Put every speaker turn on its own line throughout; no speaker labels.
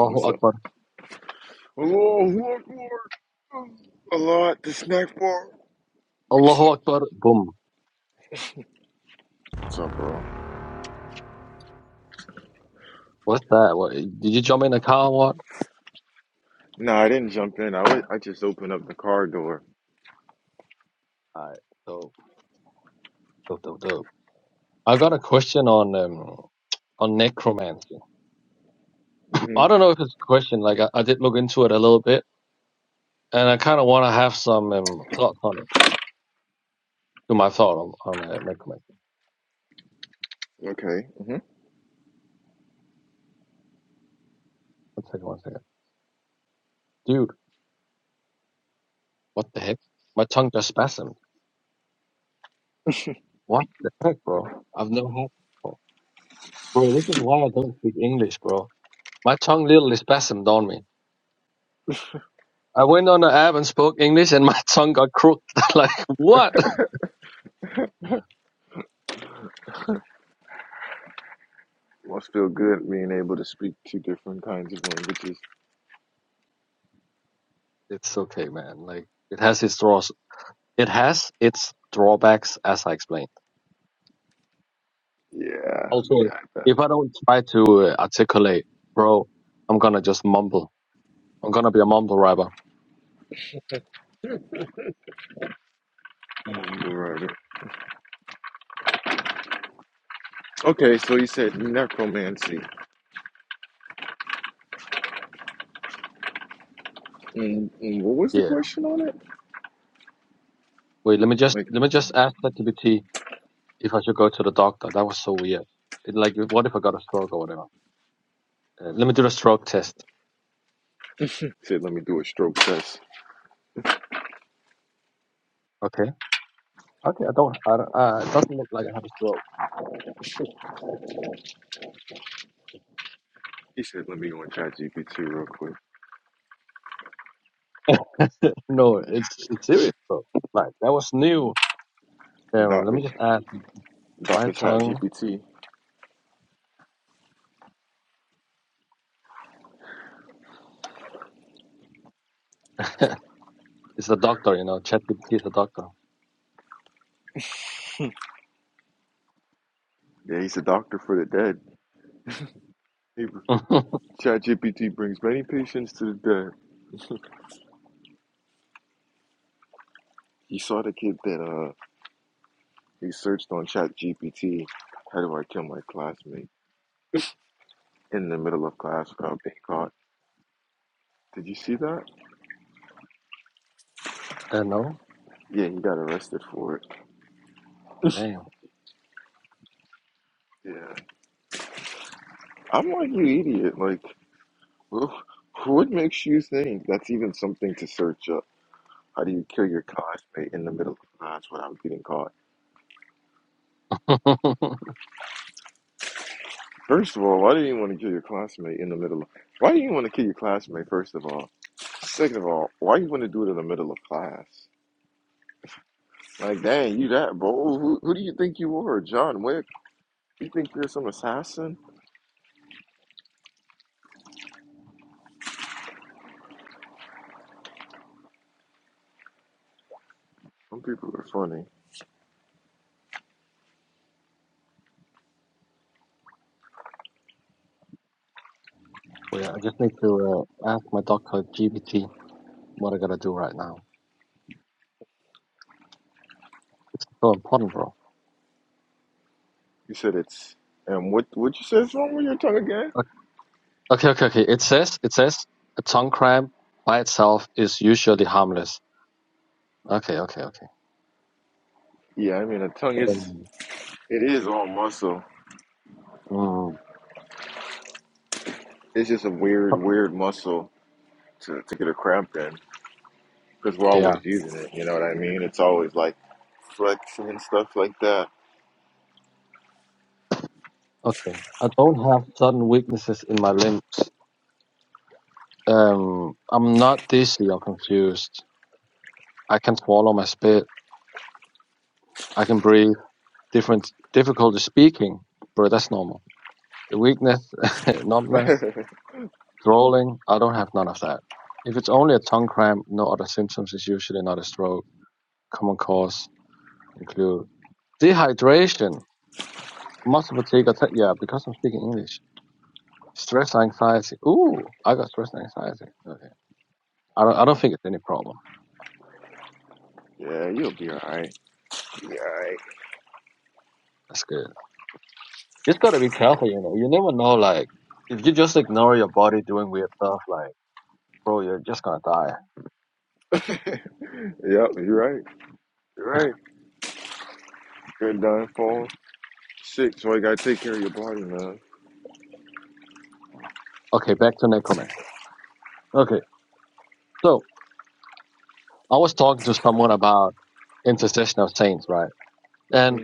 Oh, what's up?
Akbar.
Oh, Lord, Lord. A lot, the snack bar. What's
Allahu
up?
Akbar. Boom.
What's up, bro?
What's that? What, did you jump in a car or what?
No, I didn't jump in. I wa- I just opened up the car door.
Alright, dope, dope, dope, dope. I got a question on um on necromancy.
hmm
I don't know if it's a question. Like I, I did look into it a little bit, and I kind of want to have some um, thoughts on it. Do my thought on on uh, necromancy.
Okay. hmm
One second, one second, dude. What the heck? My tongue just spasmed. What the heck, bro? I've never had. Bro, this is why I don't speak English, bro. My tongue literally spasmed on me. I went on the app and spoke English, and my tongue got crooked. like what?
Must feel good being able to speak two different kinds of languages.
It's okay, man. Like it has its draws. It has its drawbacks, as I explained.
Yeah.
Also, if I don't try to uh, articulate, bro, I'm gonna just mumble. I'm gonna be a mumble rapper.
Yeah. You're right. Okay, so you said necromancy. And, and what was the
Yeah.
question on it?
Wait, let me just
Like,
let me just ask ChatGPT if I should go to the doctor. That was so weird. It, like, what if I got a stroke or whatever? Uh, let me do the stroke test.
he said, let me do a stroke test.
Okay. Okay. I don't. I, don't- uh, it doesn't look like I have a stroke.
He said, let me go on ChatGPT real quick.
No, it's it's serious, bro. Like that was new. Um, let me
Doctor,
just add, my
Doctor
tongue
ChatGPT.
is a doctor, you know. ChatGPT is a doctor.
Yeah, he's a doctor for the dead. Hey,
uh,
ChatGPT brings many patients to the dead. You saw the kid that uh he searched on ChatGPT, how do I kill my classmate in the middle of class without being caught? Did you see that?
no,
Yeah, he got arrested for it.
damn.
Yeah. I'm like, you idiot. Like, wh- what makes you think that's even something to search up? How do you kill your classmate in the middle of class without getting caught?
well,
First of all, why do you want to kill your classmate in the middle of... Why do you want to kill your classmate, first of all? Second of all, why you want to do it in the middle of class? Like, dang, you that bold? Who, who do you think you are, John Wick? You think you're some assassin? Some people are funny.
yeah, I just need to uh, ask my doctor GPT what I gotta do right now. It's so important, bro.
You said it's and what? What you said is wrong with your tongue again?
Okay, okay, okay. okay. It says it says a tongue cramp by itself is usually harmless. Okay, okay, okay.
Yeah, I mean, a tongue is
Um,
it is all muscle.
mm,
It's just a weird, weird muscle to to get a cramp in because we're
yeah.
always using it. You know what I mean? It's always like flexing and stuff like that.
Okay. I don't have sudden weaknesses in my limbs. Um, I'm not dizzy or confused. I can swallow my spit. I can breathe. Different difficulty speaking, but that's normal. Weakness, numbness, drooling. I don't have none of that. If it's only a tongue cramp, no other symptoms is usually not a stroke. Common cause include dehydration, muscle fatigue. or te- Yeah, because I'm speaking English. Stress, anxiety. Ooh, I got stress and anxiety. Okay, I don't. I don't think it's any problem.
yeah, you'll be alright. You'll be alright.
That's good. just gotta be careful, you know. You never know, like, if you just ignore your body doing weird stuff, like, bro, you're just gonna die.
yep, you're right. You're right. Good done fall sick, so you gotta take care of your body, man.
Okay, back to necromancy. Okay, so I was talking to someone about intercession of saints, right? And
hmm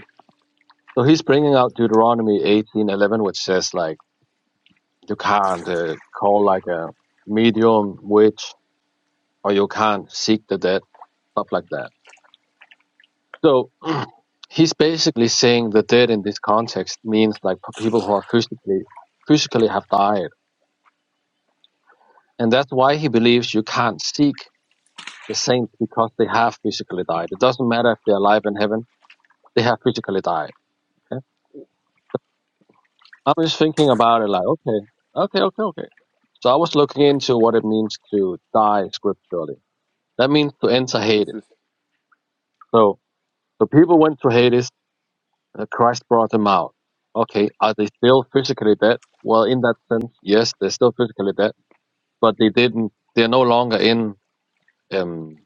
so he's bringing out Deuteronomy 18:11, which says like you can't uh, call like a medium witch, or you can't seek the dead, stuff like that. So he's basically saying the dead in this context means like people who are physically physically have died And that's why he believes you can't seek the saints because they have physically died. It doesn't matter if they're alive in heaven, they have physically died. Okay? I'm just thinking about it like, okay, okay, okay, okay. So I was looking into what it means to die scripturally. That means to enter
This
Hades.
is
So the people went to Hades, uh, Christ brought them out. Okay, are they still physically dead? Well, in that sense, yes, they're still physically dead, but they didn't, they're no longer in, um,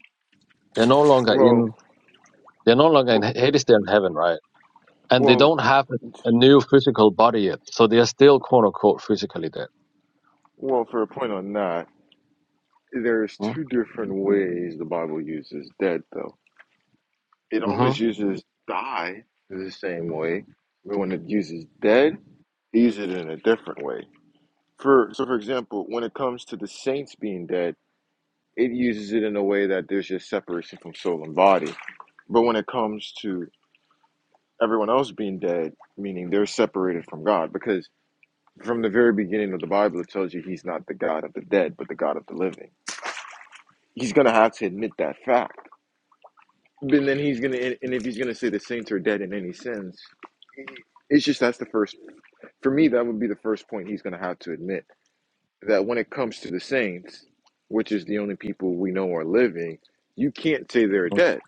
they're no longer
well,
in, they're no longer in Hades, they're in heaven, right? and they
well,
don't have a a new physical body yet, so they are still quote unquote physically dead.
well. For a point on that, there's two
Mm-hmm.
different ways the Bible uses dead, though. It always uses die the same way, but when it uses dead, it uses it in a different way. For so, for example, when it comes to the saints being dead, it uses it in a way that there's just separation from soul and body. But when it comes to everyone else being dead, meaning they're separated from God, because from the very beginning of the Bible, it tells you He's not the God of the dead, but the God of the living. He's going to have to admit that fact. and then He's going to, and if He's going to say the saints are dead in any sins, it's just that's the first, for me, that would be the first point He's going to have to admit that when it comes to the saints, which is the only people we know are living, you can't say they're dead.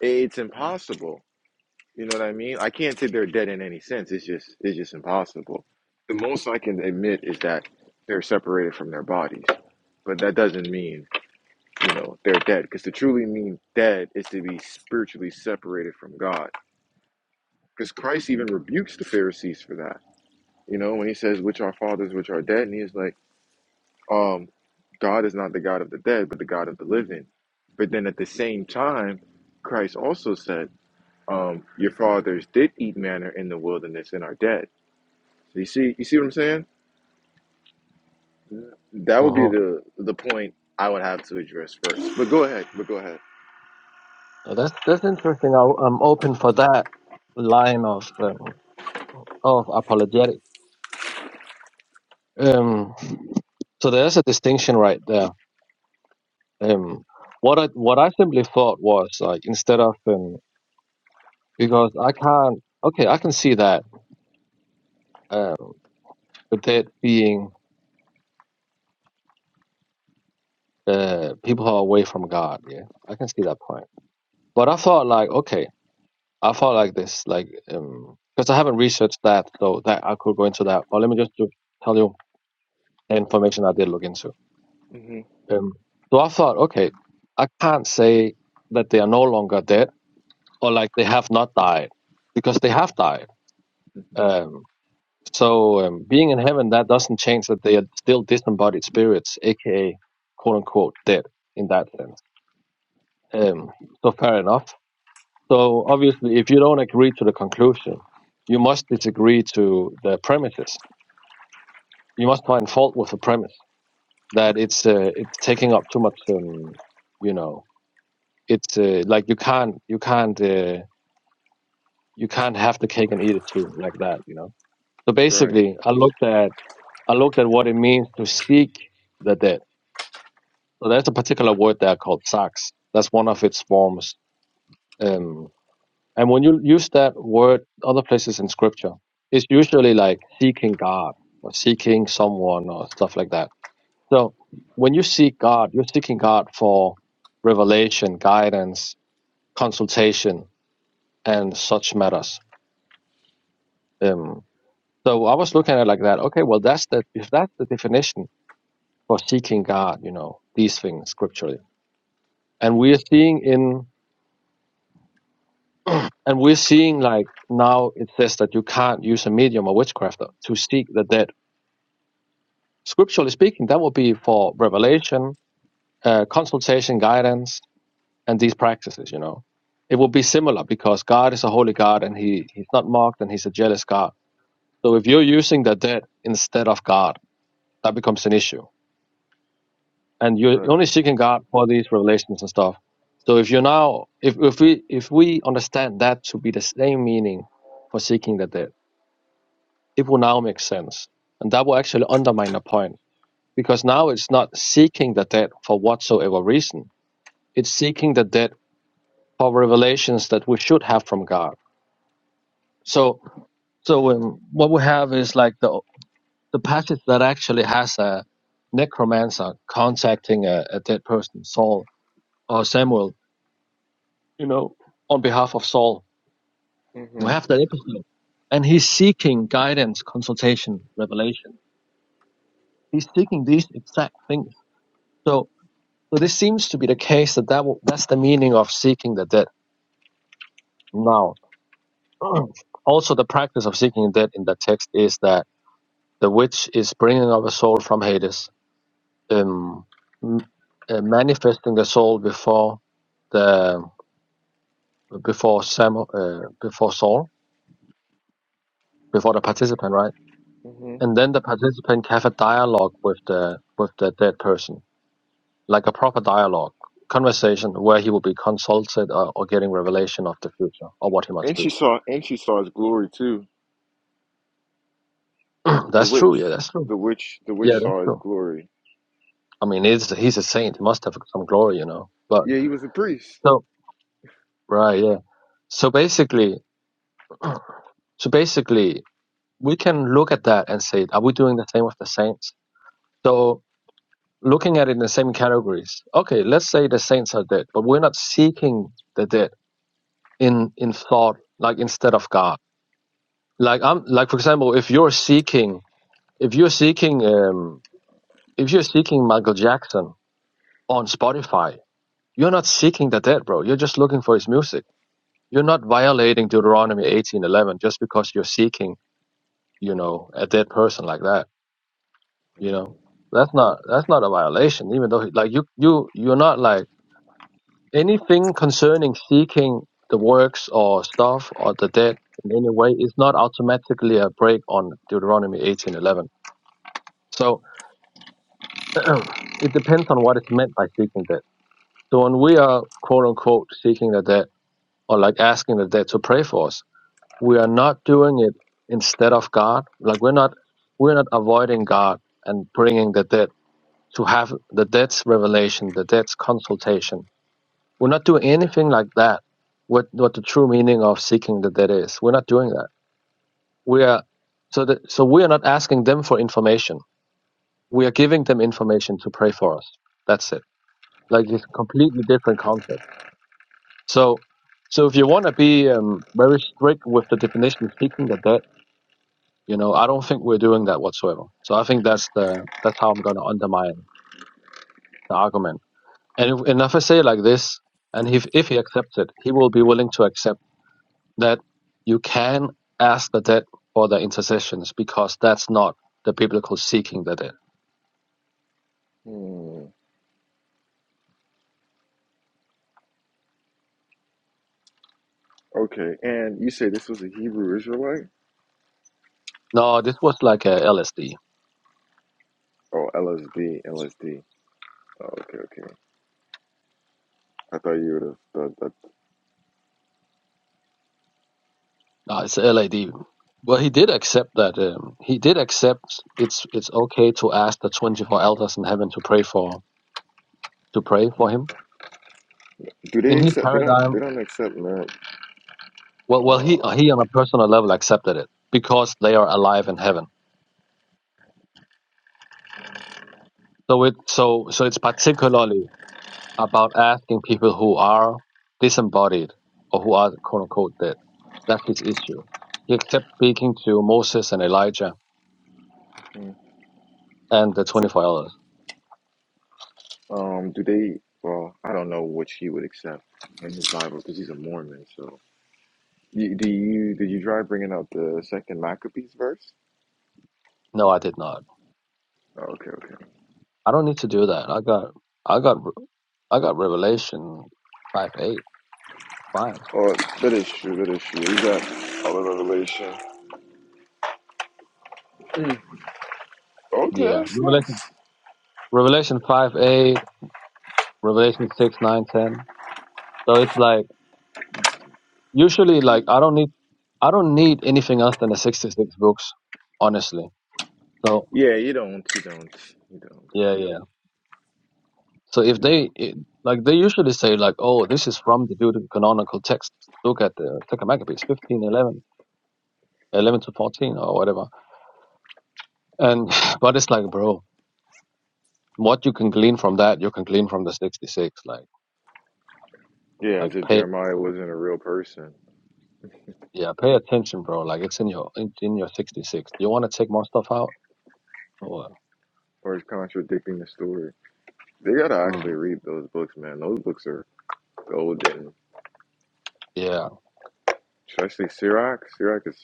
It's impossible You know what I mean? I can't say they're dead in any sense. It's just it's just impossible. The most I can admit is that they're separated from their bodies, but that doesn't mean you know they're dead. Because to truly mean dead is to be spiritually separated from God. Because Christ even rebukes the Pharisees for that. You know when he says, "Which are fathers, which are dead," and he's like, "Um, God is not the God of the dead, but the God of the living." But then at the same time, Christ also said, um, "Your fathers did eat manna in the wilderness and are dead." You see, you see what I'm saying? That would be
Mm-hmm.
the the point I would have to address first. But go ahead. But go ahead.
That's that's interesting. I'll, I'm open for that line of um, of apologetics. Um, so there's a distinction right there. Um, what I what I simply thought was like instead of um, because I can't okay I can see that uh, with it being uh, people who are away from God. Yeah, I can see that point. But I thought like okay I felt like this, like, um, because I haven't researched that, so that I could go into that. But let me just do, tell you the information I did look into.
hmm
Um, so I thought, okay, I can't say that they are no longer dead or like they have not died because they have died. Um, so um, being in heaven, that doesn't change that they are still disembodied spirits, aka quote unquote dead in that sense. Um, so fair enough. So obviously, if you don't agree to the conclusion, you must disagree to the premises. You must find fault with the premise that it's uh, it's taking up too much. Um, you know, it's uh, like you can't you can't uh, you can't have the cake and eat it too like that. You know. So
Right.
basically, I looked at I looked at what it means to seek the dead. So there's a particular word there called sax. That's one of its forms. Um, And when you use that word other places in scripture, it's usually like seeking God or seeking someone or stuff like that. So when you seek God, you're seeking God for revelation, guidance, consultation, and such matters. Um, so I was looking at it like that. Okay, well, that's the, if that's the definition for seeking God, you know, these things scripturally. And we're seeing in, and we're seeing like now it says that you can't use a medium or witchcraft to seek the dead Scripturally speaking, that would be for revelation, uh, consultation, guidance, and these practices. You know, it would be similar because God is a holy God and He He's not mocked and He's a jealous God. So if you're using the dead instead of God, that becomes an issue, and you're
Right.
only seeking God for these revelations and stuff. So if you're now if if we if we understand that to be the same meaning for seeking the dead, it will now make sense, and that will actually undermine the point because now it's not seeking the dead for whatsoever reason It's seeking the depth of revelations that we should have from God. So, so um, what we have is like the the passage that actually has a necromancer contacting a, a dead person, Saul or Samuel, you know, on behalf of Saul. We
hmm
have that episode, and he's seeking guidance, consultation, revelation. He's seeking these exact things. So, so this seems to be the case that, that w- that's the meaning of seeking the dead now also, the practice of seeking death in the text is that the witch is bringing up a soul from Hades, um, m- uh, manifesting the soul before the before Sam, uh, before Saul, before the participant, right?
hmm
And then the participant can have a dialogue with the with the dead person, like a proper dialogue conversation where he will be consulted or, or getting revelation of the future or what he must
And she
do.
saw. And she saw his glory too. The
that's true.
witch.
Yeah, that's true.
The witch. The
Yeah,
witch
that's
saw his
true.
glory.
I mean, he's he's a saint. He must have some glory, you know. But
Yeah, he was a priest.
so right, yeah. So basically, so basically, we can look at that and say, are we doing the same with the saints? So looking at it in the same categories. Okay, let's say the saints are dead, but we're not seeking the dead in in thought, like instead of God. Like I'm, like for example, if you're seeking, if you're seeking, um, if you're seeking Michael Jackson on Spotify, you're not seeking the dead, bro. You're just looking for his music You're not violating Deuteronomy 18:11 just because you're seeking, you know, a dead person like that. You know, that's not that's not a violation. Even though like you you you're not like anything concerning seeking the works or stuff or the dead in any way is not automatically a break on Deuteronomy 18:11. So it depends on what is meant by seeking dead. So when we are quote unquote seeking the dead or like asking the dead to pray for us, we are not doing it instead of God. Like we're not we're not avoiding God and bringing the dead to have the dead's revelation, the dead's consultation. We're not doing anything like that. What what the true meaning of seeking the dead is. We're not doing that. We are so that so we are not asking them for information. We are giving them information to pray for us. That's it. Like it's a completely different concept. So so if you want to be um, very strict with the definition of seeking the dead You know, I don't think we're doing that whatsoever. So I think that's the that's how I'm going to undermine the argument. And if, and if I say it like this, and if if he accepts it, he will be willing to accept that you can ask the dead for their intercessions because that's not the biblical seeking the dead.
Hmm. Okay. And you say this was a Hebrew Israelite?
No, this was like a LSD.
Oh, LSD. LSD. Oh, okay. Okay. I thought you would have thought that.
No, it's LAD. Well, he did accept that. Um, he did accept it's it's okay to ask the twenty four elders in heaven to pray for to pray for
No.
him
Do they
in his
accept? They don't. They
paradigm.
don't accept that.
Well, well, he
Oh.
he on a personal level accepted it because they are alive in heaven. So it so so it's particularly about asking people who are disembodied or who are quote unquote dead. That's his issue. He accepted speaking to Moses and Elijah and the twenty four elders.
Um, do they? Well, I don't know which he would accept in his Bible because he's a Mormon. So, you, do you did you try bringing up the second Maccabees verse?
No, I did not.
Oh, okay, okay.
I don't need to do that. I got, I got, I got Revelation five eight. Fine.
Oh, that is true. That is true. Is that all the revelation? Mm. Okay,
Yeah.
that's
Revelation,
nice.
Revelation five eight, Revelation six nine ten. So it's like usually like I don't need, I don't need anything else than the sixty six books, honestly. So
Yeah, you don't. You don't. You don't.
yeah, yeah. So if
You don't.
they it, like they usually say like, oh, this is from the Deuterocanonical text. Look at the Second Maccabees fifteen eleven. 11 to 14 or whatever and but it's like bro what you can glean from that, you can glean from the 66. Like,
Yeah,
like
as if
pay,
Jeremiah wasn't a real person
yeah, pay attention, bro. Like, it's in your in, in your 66. Do you want to take more stuff out? Or,
or is contradicting the story. They gotta
mm,
actually read those books, man. Those books are golden,
yeah,
Should I say Sirach. Sirach is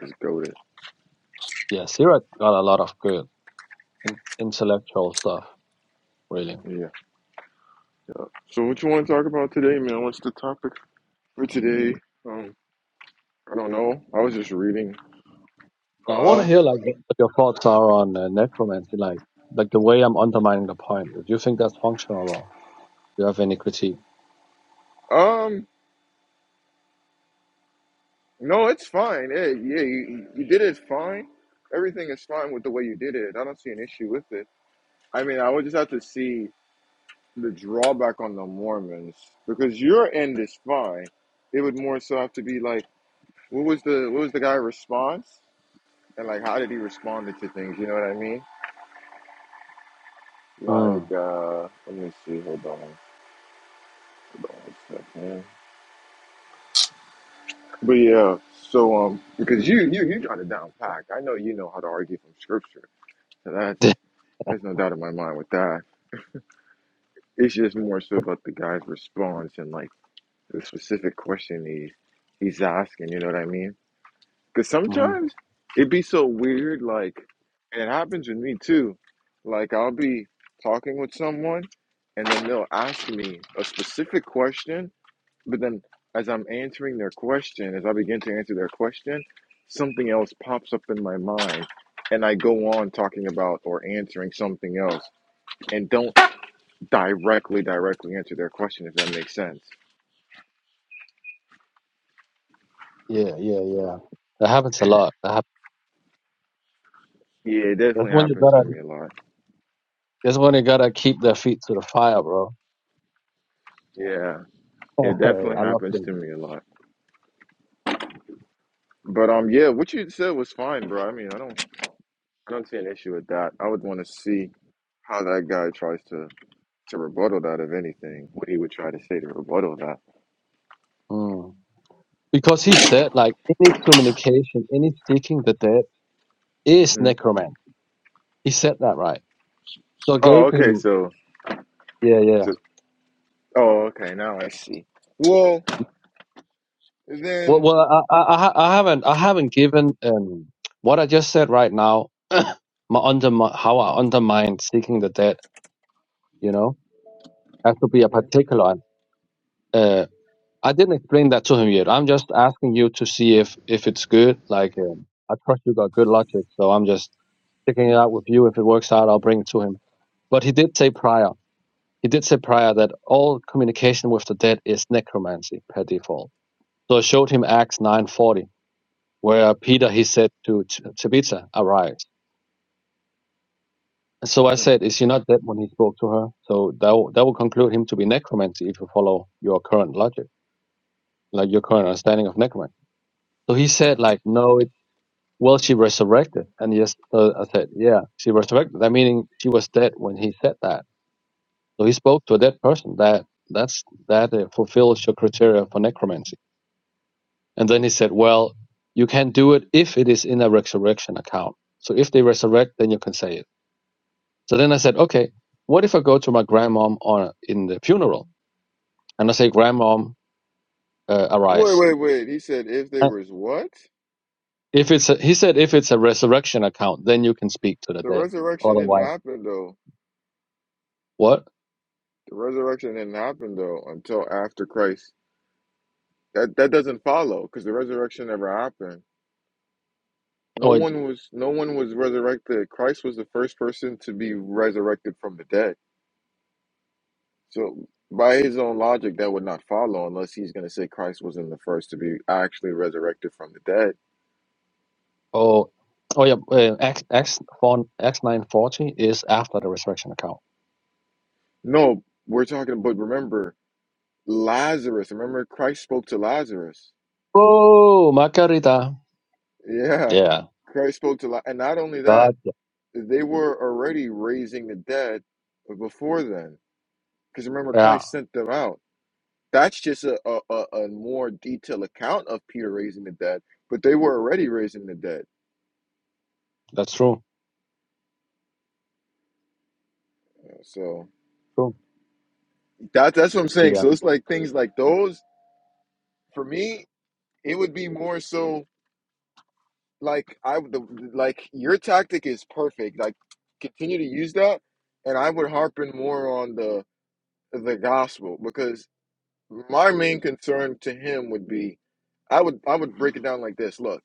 is golden.
yeah. Sierra got a lot of good in, intellectual stuff, really.
Yeah, So what you want to talk about today, man? What's the topic for today? Um, I don't know. I was just reading.
Now, I want
Uh,
to hear like what your thoughts are on uh, necromancy, like like the way I'm undermining the point. Would you think that's functional, or do you have any critique?
um, no, it's fine. Yeah, yeah, you, you did it fine. Everything is fine with the way you did it. I don't see an issue with it. I mean, I would just have to see the drawback on the Mormons because your end is fine. It would more so have to be like, what was the what was the guy response, and like how did he respond to things? You know what I mean? Like,
Mm.
uh, let me see. Hold on. Hold on one second. But yeah, so um, because you you you got it down packed. I know you know how to argue from scripture, so that's
hmm
there's no doubt in my mind with that. It's just more so about the guy's response and like the specific question he he's asking. You know what I mean? Because
Mm-hmm.
sometimes it be so weird. Like, and it happens with me too. Like I'll be talking with someone, and then they'll ask me a specific question, but then, as I'm answering their question, as I begin to answer their question, something else pops up in my mind, and I go on talking about or answering something else, and don't directly directly answer their question if that makes sense.
Yeah, yeah, yeah. That happens a lot. That hap-
Yeah, it
that's
definitely
when you
happens
gotta.
to me a lot.
That's when you gotta keep their feet to the fire, bro.
Yeah, it definitely
I love
happens to
him.
me a lot. But um, yeah, what you said was fine, bro. I mean, I don't I don't see an issue with that. I would want to see how that guy tries to to rebuttal that, if anything, what he would try to say to rebuttal that.
Mm. Because he said, like, any communication, any seeking the dead is necromancy. He said that, right? So I
Oh,
gave
okay.
him,
So,
yeah, yeah.
so oh, okay. Now I see. Well,
Well,
then.
well, I, I, I ha- I haven't, I haven't given um, what I just said right now. my under, how I undermine seeking the dead, you know, has to be a
mhm.
particular one. I didn't explain that to him yet. I'm just asking you to see if if it's good. Like um, I trust you got good logic, so I'm just sticking it out with you. If it works out, I'll bring it to him. But he did say prior. He did say prior that all communication with the dead is necromancy per default. So I showed him Acts 9:40, where Peter he said to T- Tabitha, "Arise." And so I said, "Is she not dead when he spoke to her?" So that will, that will conclude him to be necromancy if you follow your current logic, like your current understanding of necromancy. So he said, like, no, Well, she resurrected. And yes, uh, I said, yeah, she resurrected. That meaning she was dead when he said that. So he spoke to a dead person. That that's that uh, fulfills your criteria for necromancy. And then he said, well, you can do it if it is in a resurrection account. So if they resurrect, then you can say it. So then I said, okay, what if I go to my grandmom on in the funeral and I say, grandmom, uh,
Wait,
arise.
wait, wait. He said if there
And
was what?
If it's a, he said, if it's a resurrection account, then you can speak to the
The
dead.
resurrection didn't
Otherwise,
happen though.
what?
The resurrection didn't happen though until after Christ. That that doesn't follow because the resurrection never happened. No
Oh.
one was no one was resurrected. Christ was the first person to be resurrected from the dead. So by his own logic, that would not follow unless he's going to say Christ wasn't the first to be actually resurrected from the dead.
Oh, oh yeah. Uh, X X four X nine forty is after the resurrection account.
No, we're talking, but remember Lazarus. Remember, Christ spoke to Lazarus.
Oh, Macarita.
Yeah,
Yeah.
Christ spoke to, La- and not only that,
Gotcha.
they were already raising the dead before then. Because remember,
Yeah,
Christ sent them out. That's just a, a, a a more detailed account of Peter raising the dead, but they were already raising the dead.
that's true.
So
True.
that that's what I'm saying.
Yeah.
So it's like things like those. For me, it would be more so. like I would- the, like your tactic is perfect. Like continue to use that, and I would harp in more on the the gospel because my main concern to him would be, I would I would break it down like this. Look,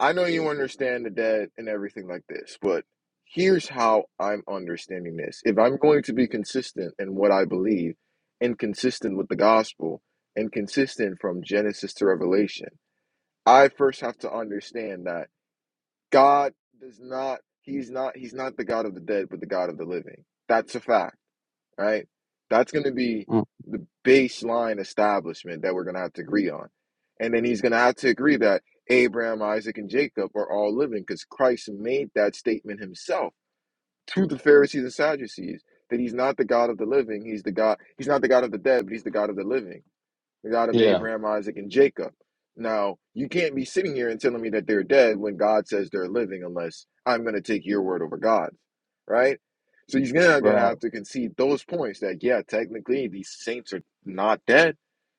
I know you understand the dead and everything like this, but here's how I'm understanding this. If I'm going to be consistent in what I believe, and consistent with the gospel, and consistent from Genesis to Revelation, I first have to understand that. God does not he's not he's not the God of the dead, but the God of the living. That's a fact, right? That's gonna be
Mm.
the baseline establishment that we're gonna have to agree on. And then he's gonna have to agree that Abraham, Isaac, and Jacob are all living because Christ made that statement himself to the Pharisees and Sadducees that he's not the God of the living, he's the God he's not the God of the dead, but he's the God of the living is out of
Yeah.
Abraham, Isaac, and Jacob. Now, you can't be sitting here and telling me that they're dead when God says they're living, unless I'm going to take your word over God's, right? So he's going to
Right.
have to concede those points that, yeah, technically these saints are not dead.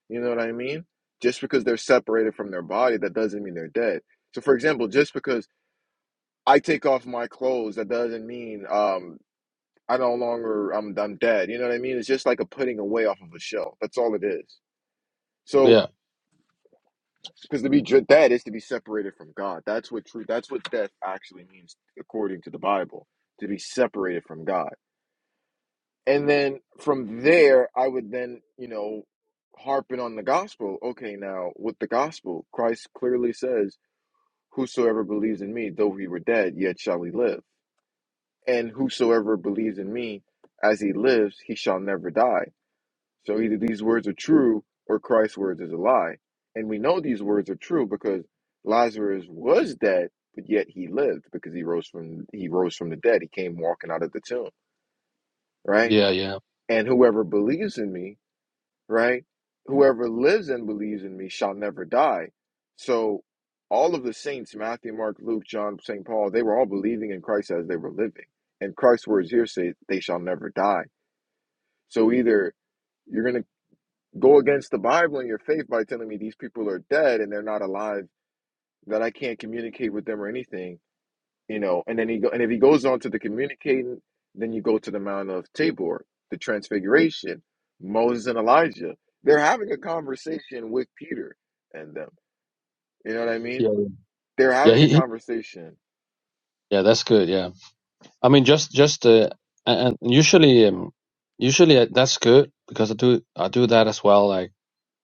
You know what I mean? Just because they're separated from their body, that doesn't mean they're dead. So, for example, just because I take off my clothes, that doesn't mean um, I no longer I'm I'm dead. You know what I mean? It's just like a putting away off of a shelf. That's all it is. So
Yeah.
Because to be ju- dead is to be separated from God. That's what true. That's what death actually means, according to the Bible, to be separated from God. And then from there, I would then, you know, harping on the gospel. Okay, now with the gospel, Christ clearly says, "Whosoever believes in me, though he were dead, yet shall he live." And whosoever believes in me, as he lives, he shall never die. So either these words are true or Christ's words is a lie. And we know these words are true because Lazarus was dead, but yet he lived because he rose from he rose from the dead. He came walking out of the tomb, right?
Yeah. Yeah.
And whoever believes in me, right? Whoever lives and believes in me shall never die. So all of the saints, Matthew, Mark, Luke, John, St. Paul, they were all believing in Christ as they were living. And Christ's words here say they shall never die. So either you're going to go against the Bible and your faith by telling me these people are dead and they're not alive, that I can't communicate with them or anything, you know. And then he go, and if he goes on to the communicating, then you go to the Mount of Tabor, the Transfiguration, Moses and Elijah. They're having a conversation with Peter and them. You know what I
Yeah.
mean?
Yeah.
They're
Yeah.
having
He,
a
he,
conversation,
yeah. That's good. Yeah. I mean, just just uh, and, and usually um, usually uh, that's good because I do I do that as well. Like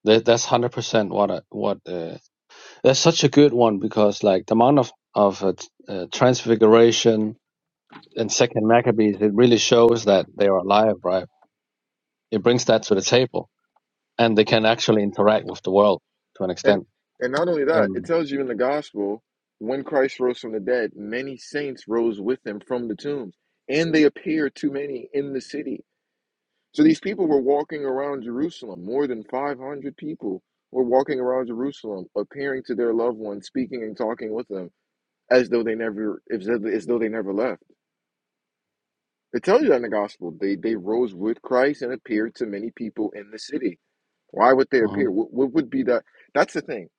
that, that's hundred percent what I, what uh, that's such a good one because like the amount of of uh, t- uh, transfiguration and Second Maccabees, it really shows that they are alive, right? It brings that to the table, and they can actually interact with the world to an
and
extent.
and not only that, it
Um,
tells you in the Gospel when Christ rose from the dead, many saints rose with him from the tombs, and they appeared to many in the city So these people were walking around Jerusalem. More than 500 people were walking around Jerusalem, appearing to their loved ones, speaking and talking with them as though they never, as though as though they never left. It tells you that in the gospel. They they rose with Christ and appeared to many people in the city. Why would they
mhm.
appear? What, what would be that? That's the thing.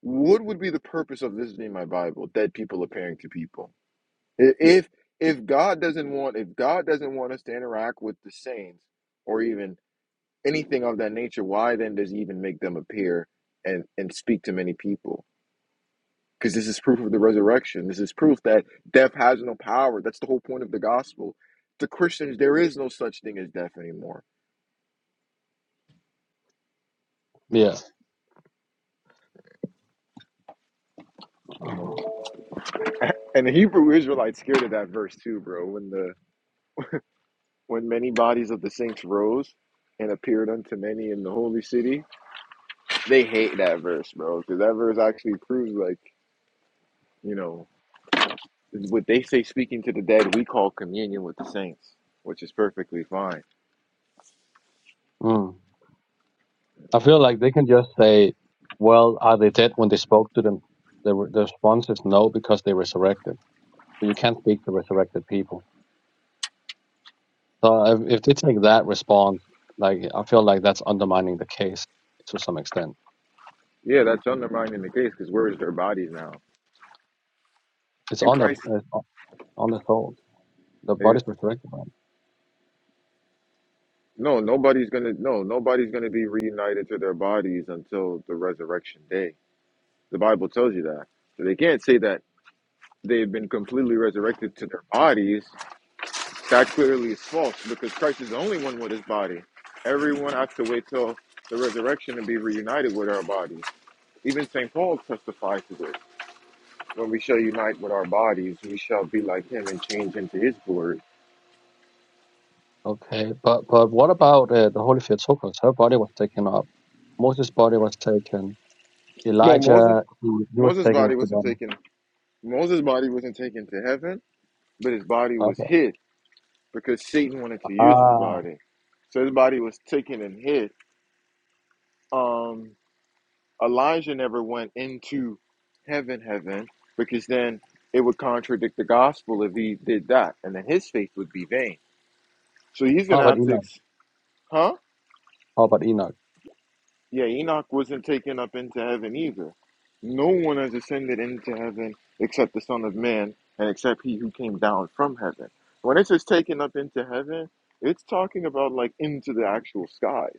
What would be the purpose of this being my Bible? Dead people appearing to people. If if God doesn't want, if God doesn't want us to interact with the saints, or even anything of that nature, why then does he even make them appear and, and speak to many people? Because this is proof of the resurrection. This is proof that death has no power. That's the whole point of the gospel. To Christians, there is no such thing as death anymore.
Yeah,
You know? And the Hebrew Israelites scared of that verse too, bro. When the when many bodies of the saints rose and appeared unto many in the holy city, they hate that verse, bro. Because that verse actually proves like, you know, is What they say speaking to the dead, we call communion with the saints, which is perfectly fine.
mm. I feel like they can just say, "Well, are they dead?" When they spoke to them, the, re- the response is no because they resurrected. So you can't speak to resurrected people. So if, if they take that response, like I feel like that's undermining the case to some extent.
Yeah, that's undermining the case because where is their bodies now?
It's
In
on the
Christ.
it's on the soul. The
They-
body's resurrected. right?
No, nobody's gonna no, nobody's gonna be reunited to their bodies until the resurrection day. The Bible tells you that. So they can't say that they've been completely resurrected to their bodies. That clearly is false because Christ is the only one with his body. Everyone has to wait till the resurrection to be reunited with our bodies. Even St. Paul testifies to this. When we shall unite with our bodies, we shall be like him and change into his glory.
Okay, but but what about uh, the Holy Theotokos? Her body was taken up. Moses' body was taken.
Well, Moses,
Elijah, he, he was
Moses'
taken
body
with the
wasn't
body.
taken. Moses' body wasn't taken to heaven, but his body was
Okay.
hid because Satan wanted to use his
Ah,
body. So his body was taken and hid. Um, Elijah never went into heaven, heaven, because then it would contradict the gospel if he did that, and then his faith would be vain. So he's
how
gonna
about
have to,
Enoch?
ex- huh?
How about Enoch?
Yeah, Enoch wasn't taken up into heaven either. No one has ascended into heaven except the Son of Man and except he who came down from heaven. When it says taken up into heaven, it's talking about like into the actual skies.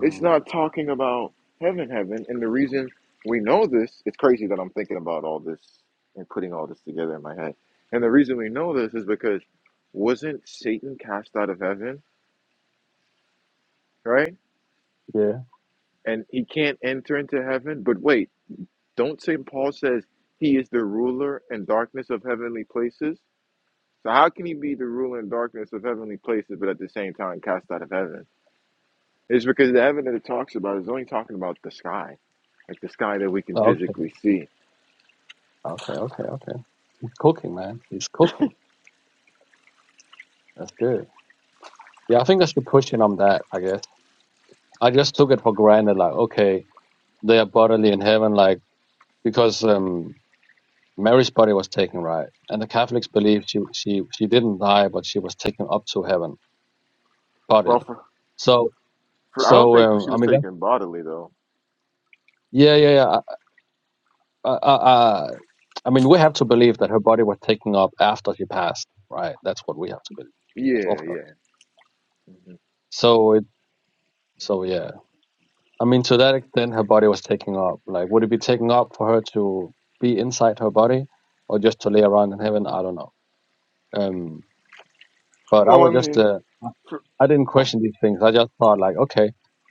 It's not talking about heaven, heaven. And the reason we know this, it's crazy that I'm thinking about all this and putting all this together in my head. And the reason we know this is because wasn't Satan cast out of heaven, right?
yeah.
And he can't enter into heaven. But wait. Don't St. Paul says he is the ruler and darkness of heavenly places? So how can he be the ruler and darkness of heavenly places, but at the same time cast out of heaven? It's because the heaven that it talks about is only talking about the sky, like the sky that we can
Oh, Okay.
physically see.
Okay. Okay. Okay. He's cooking, man. He's cooking. That's good. Yeah, I think I should push in on that. I guess I just took it for granted, like okay, they are bodily in heaven, like because um, Mary's body was taken, right? And the Catholics believe she she she didn't die, but she was taken up to heaven
Well,
Totally.
for,
So,
for I don't
so
think
um,
she
I
was
mean, that,
taken bodily though.
yeah, yeah, yeah. I, I, I, I mean, we have to believe that her body was taken up after she passed, right? That's what we have to believe.
Yeah,
That's orthodox.
yeah. Mm-hmm.
So it, so yeah. I mean, to that extent, her body was taken up. Like, would it be taken up for her to be inside her body, or just to lay around in heaven? I don't know. Um, but I
Well, I
was just,
mean,
uh, I
for,
I didn't
oh.
question these things. I just thought like, okay,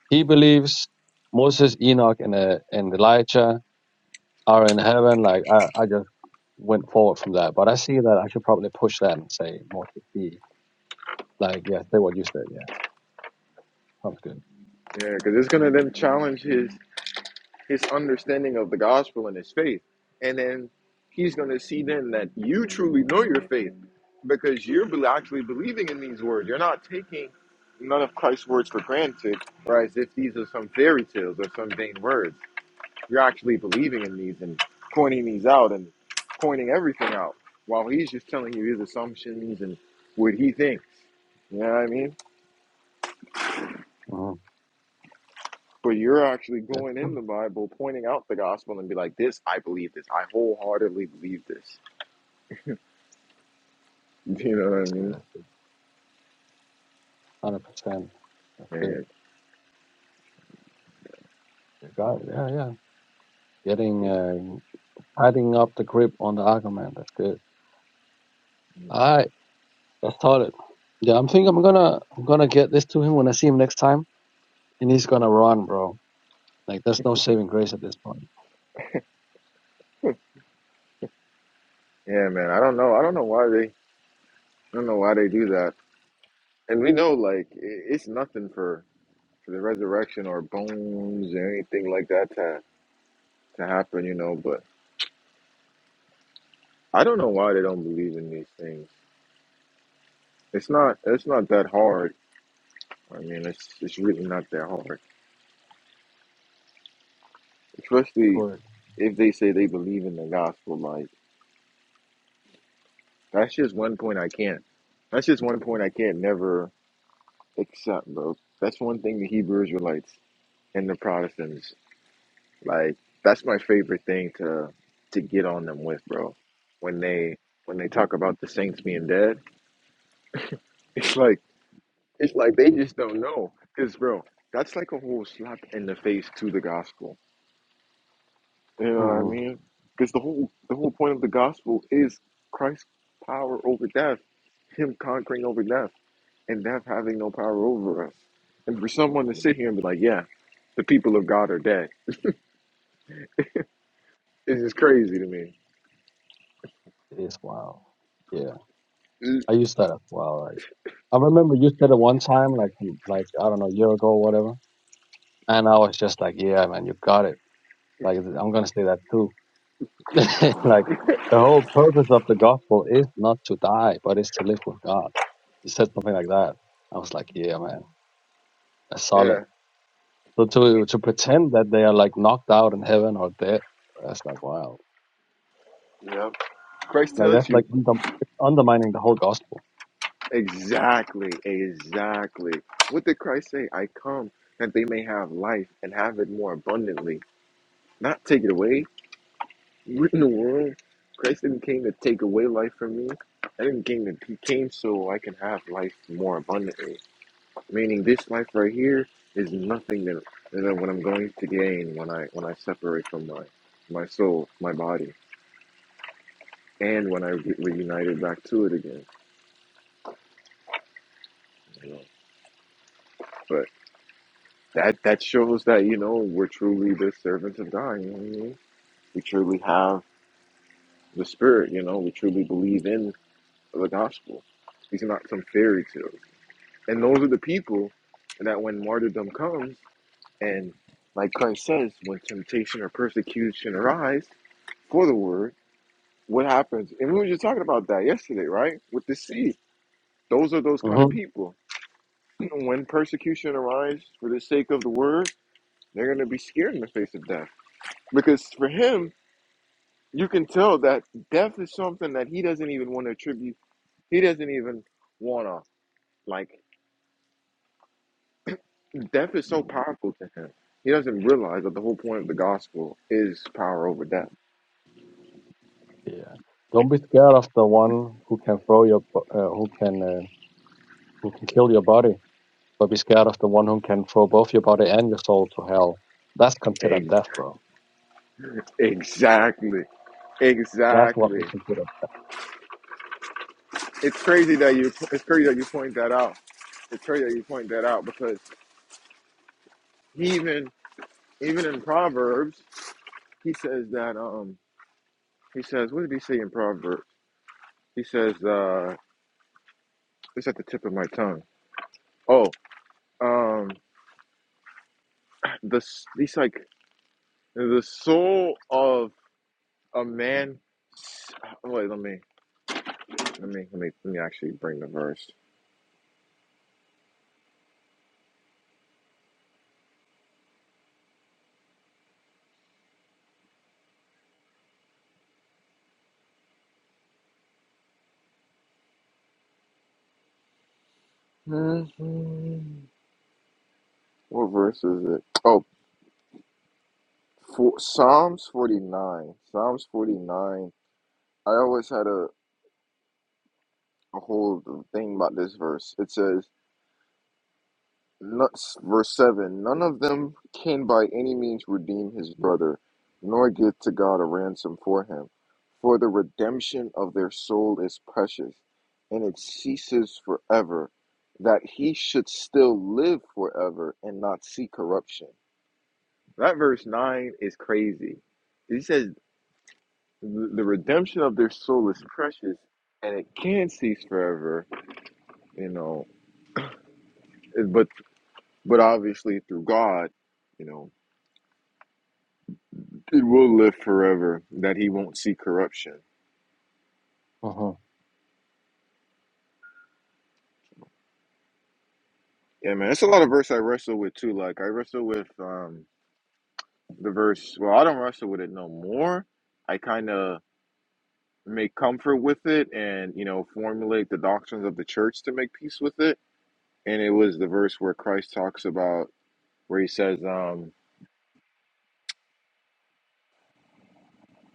he believes Moses, Enoch, and uh, and Elijah are in heaven. Like I, I just went forward from that. But I see that I should probably push that and say more to be like, yeah, say what you said. Yeah, sounds good.
yeah, because it's gonna then challenge his his understanding of the gospel and his faith. And then he's going to see then that you truly know your faith because you're be- actually believing in these words. You're not taking none of Christ's words for granted or as if these are some fairy tales or some vain words. You're actually believing in these and pointing these out and pointing everything out while he's just telling you his assumptions and what he thinks. You know what I mean?
hmm
But you're actually
That's,
going in the Bible, pointing out the gospel, and be like, "This, I believe this. I wholeheartedly believe this." Do You
yeah,
know what I
that's good.
mean?
That's good. Hundred percent. That's good.
And
You got it. Yeah, yeah. Getting uh, tightening up the grip on the argument. That's good. All right, that's solid. Yeah, I'm thinking I'm gonna I'm gonna get this to him when I see him next time, and he's gonna run, bro. Like there's no saving grace at this point.
yeah, man, I don't know. I don't know why they. I don't know why they do that. And we know, like, i- it's nothing for for the resurrection or bones or anything like that to to happen. You know, but I don't know why they don't believe in these things. It's not. It's not that hard. I mean, it's it's really not that hard, especially
Correct.
if they say they believe in the gospel, like. That's just one point I can't. That's just one point I can't never accept, bro. That's one thing the Hebrew Israelites and the Protestants like. That's my favorite thing to to get on them with, bro. When they when they talk about the saints being dead, it's like it's like they just don't know, cause bro, that's like a whole slap in the face to the gospel. You know what I
Mm-hmm.
mean? Because the whole the whole point of the gospel is Christ's power over death, Him conquering over death, and death having no power over us. And for someone to sit here and be like, yeah, the people of God are dead, it's just crazy to me.
It is wild. Yeah.
It's-
I used that. Wow. Like, I remember you said it one time, like some- like I don't know, a year ago or whatever. And I was just like, yeah, man, you got it. Like I'm gonna say that too. like the whole purpose of the gospel is not to die, but is to live with God. You said something like that. I was like, yeah, man, that's solid.
yeah,
So to to pretend that they are like knocked out in heaven or dead, that's like wow.
yeah. Christ
Like that's
tells
like
you
under- it's undermining the whole gospel.
exactly, exactly. What did Christ say? I come that they may have life and have it more abundantly, not take it away. we in the world. Christ didn't came to take away life from me. I didn't came to, he came so I can have life more abundantly. Meaning this life right here is nothing than, than what I'm going to gain when I when I separate from my my soul, my body, and when I get reunited back to it again. You know? But that that shows that you know we're truly the servants of God. You know what I mean? We truly have the Spirit. You know, we truly believe in the gospel. These are not some fairy tales. And those are the people that when martyrdom comes and like Christ says, when temptation or persecution arise for the word, what happens? And we were just talking about that yesterday, right? With the seed. Those are those kind of
hmm
people. When persecution arises for the sake of the word, they're going to be scared in the face of death. Because for him, you can tell that death is something that he doesn't even want to attribute. He doesn't even want to, like, death is so powerful to him. He doesn't realize that the whole point of the gospel is power over death.
Yeah. Don't be scared of the one who can throw your bo- uh, who can. Uh, who can kill your body, but be scared of the one who can throw both your body and your soul to hell. That's considered
Ex-
death, bro.
Exactly.
That's what
Exactly.
we consider.
it's crazy that you it's crazy that you point that out. It's crazy that you point that out because he even even in Proverbs he says that um he says what did he say in Proverbs? He says uh it's at the tip of my tongue. Oh um the he's like the soul of a man. Wait let me let me let me let me actually bring the verse. Mhm. What verse is it? Oh, for, Psalms forty nine. Psalms forty nine. I always had a, a whole thing about this verse. It says, no- verse 7 None of them can by any means redeem his brother, nor give to God a ransom for him. For the redemption of their soul is precious, and it ceases forever, that he should still live forever and not see corruption. That verse 9 is crazy. He says, The the redemption of their soul is precious, and it can cease forever, you know It- but but obviously through God, you know, it will live forever. That He won't see corruption.
hmm
Yeah, man, it's a lot of verse I wrestle with too. Like I wrestle with um the verse. Well, I don't wrestle with it no more. I kind of make comfort with it, and you know, formulate the doctrines of the church to make peace with it. And it was the verse where Christ talks about where He says, um,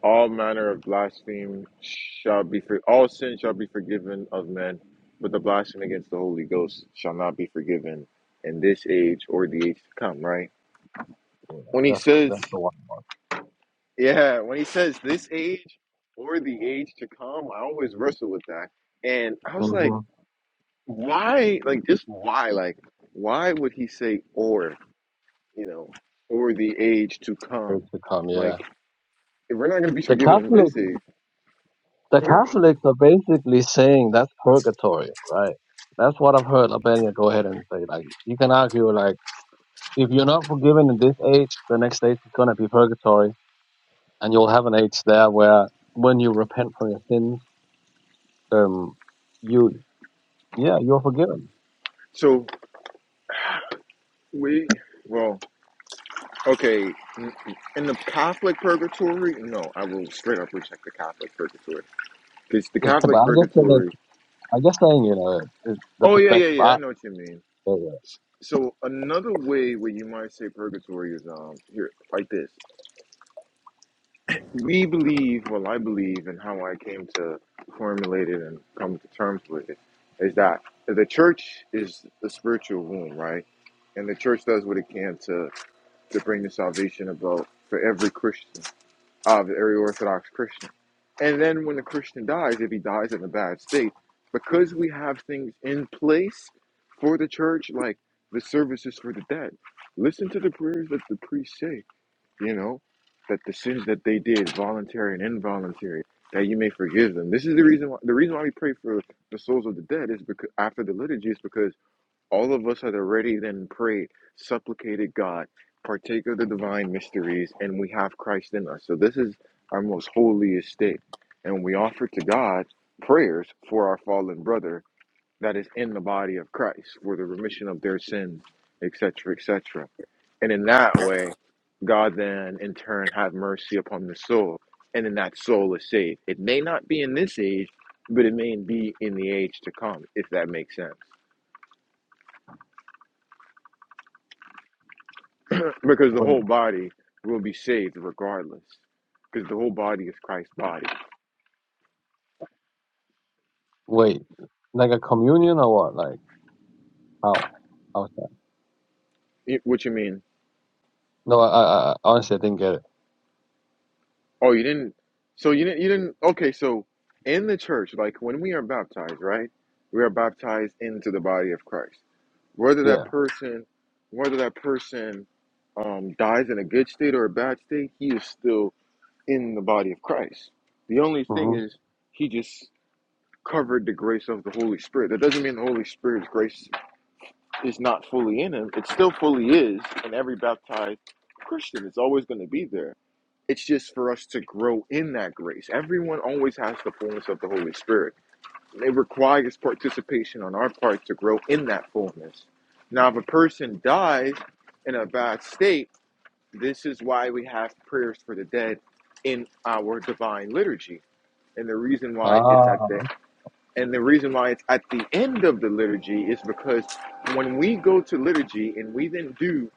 all manner of blasphemy shall be for all sin shall be forgiven of men, but the blasphemy against the Holy Ghost shall not be forgiven in this age or the age to come, right? When he
That's
says
that's the one.
yeah, when he says this age or the age to come, I always wrestle with that. And I was like,
Mm-hmm.
why like just why? Like why would he say or, you know, or the age to
Great
come?
to come, yeah.
Like if we're not gonna be
The
forgiven in
Catholic,
this age,
the Catholics are basically saying that's purgatory, right? That's what I've heard. Albania, go ahead and say like you can argue like if you're not forgiven in this age, the next age is gonna be purgatory, and you'll have an age there where when you repent for your sins, um, you yeah, you're forgiven
so we well Okay, in the Catholic purgatory, no, I will straight up reject the Catholic purgatory because the
but
Catholic
I'm just saying,
purgatory.
I'm just saying, you know, it, the
Oh yeah, yeah,
perspective.
yeah.
I,
I know what you mean.
uh,
So another way where you might say purgatory is um here like this. We believe, well, I believe, and how I came to formulate it and come to terms with it is that the church is the spiritual womb, right? And the church does what it can to to bring the salvation about for every Christian of every Orthodox Christian. And then when the Christian dies, if he dies in a bad state, because we have things in place for the church, like the services for the dead, listen to the prayers that the priests say, you know, that the sins that they did, voluntary and involuntary, that you may forgive them. This is the reason why the reason why we pray for the souls of the dead is because after the liturgy is because all of us had already then prayed, supplicated God, partake of the divine mysteries, and we have Christ in us. So this is our most holy estate. And we offer to God prayers for our fallen brother that is in the body of Christ for the remission of their sins, etc., etc. And in that way, God then in turn have mercy upon the soul. And then that soul is saved. It may not be in this age, but it may be in the age to come, if that makes sense. because the
wait,
whole body will be saved regardless because the whole body is christ's body
wait, like a communion or what? Like how? How's that?
It- what you mean
No, I, I, I honestly I didn't get it.
oh you didn't so you didn't you didn't okay so in the church like when we are baptized right we are baptized into the body of christ whether that
Yeah.
person whether that person um, dies in a good state or a bad state he is still in the body of christ the only thing
hmm
is he just covered the grace of the holy spirit that doesn't mean the holy spirit's grace is not fully in him. It still fully is in every baptized Christian. It's always going to be there. It's just for us to grow in that grace. Everyone always has the fullness of the Holy Spirit. It requires participation on our part to grow in that fullness. Now, if a person dies in a bad state, this is why we have prayers for the dead in our divine liturgy. And the reason why it's at the
Ah,
and the reason why it's at the end of the liturgy is because when we go to liturgy and we then do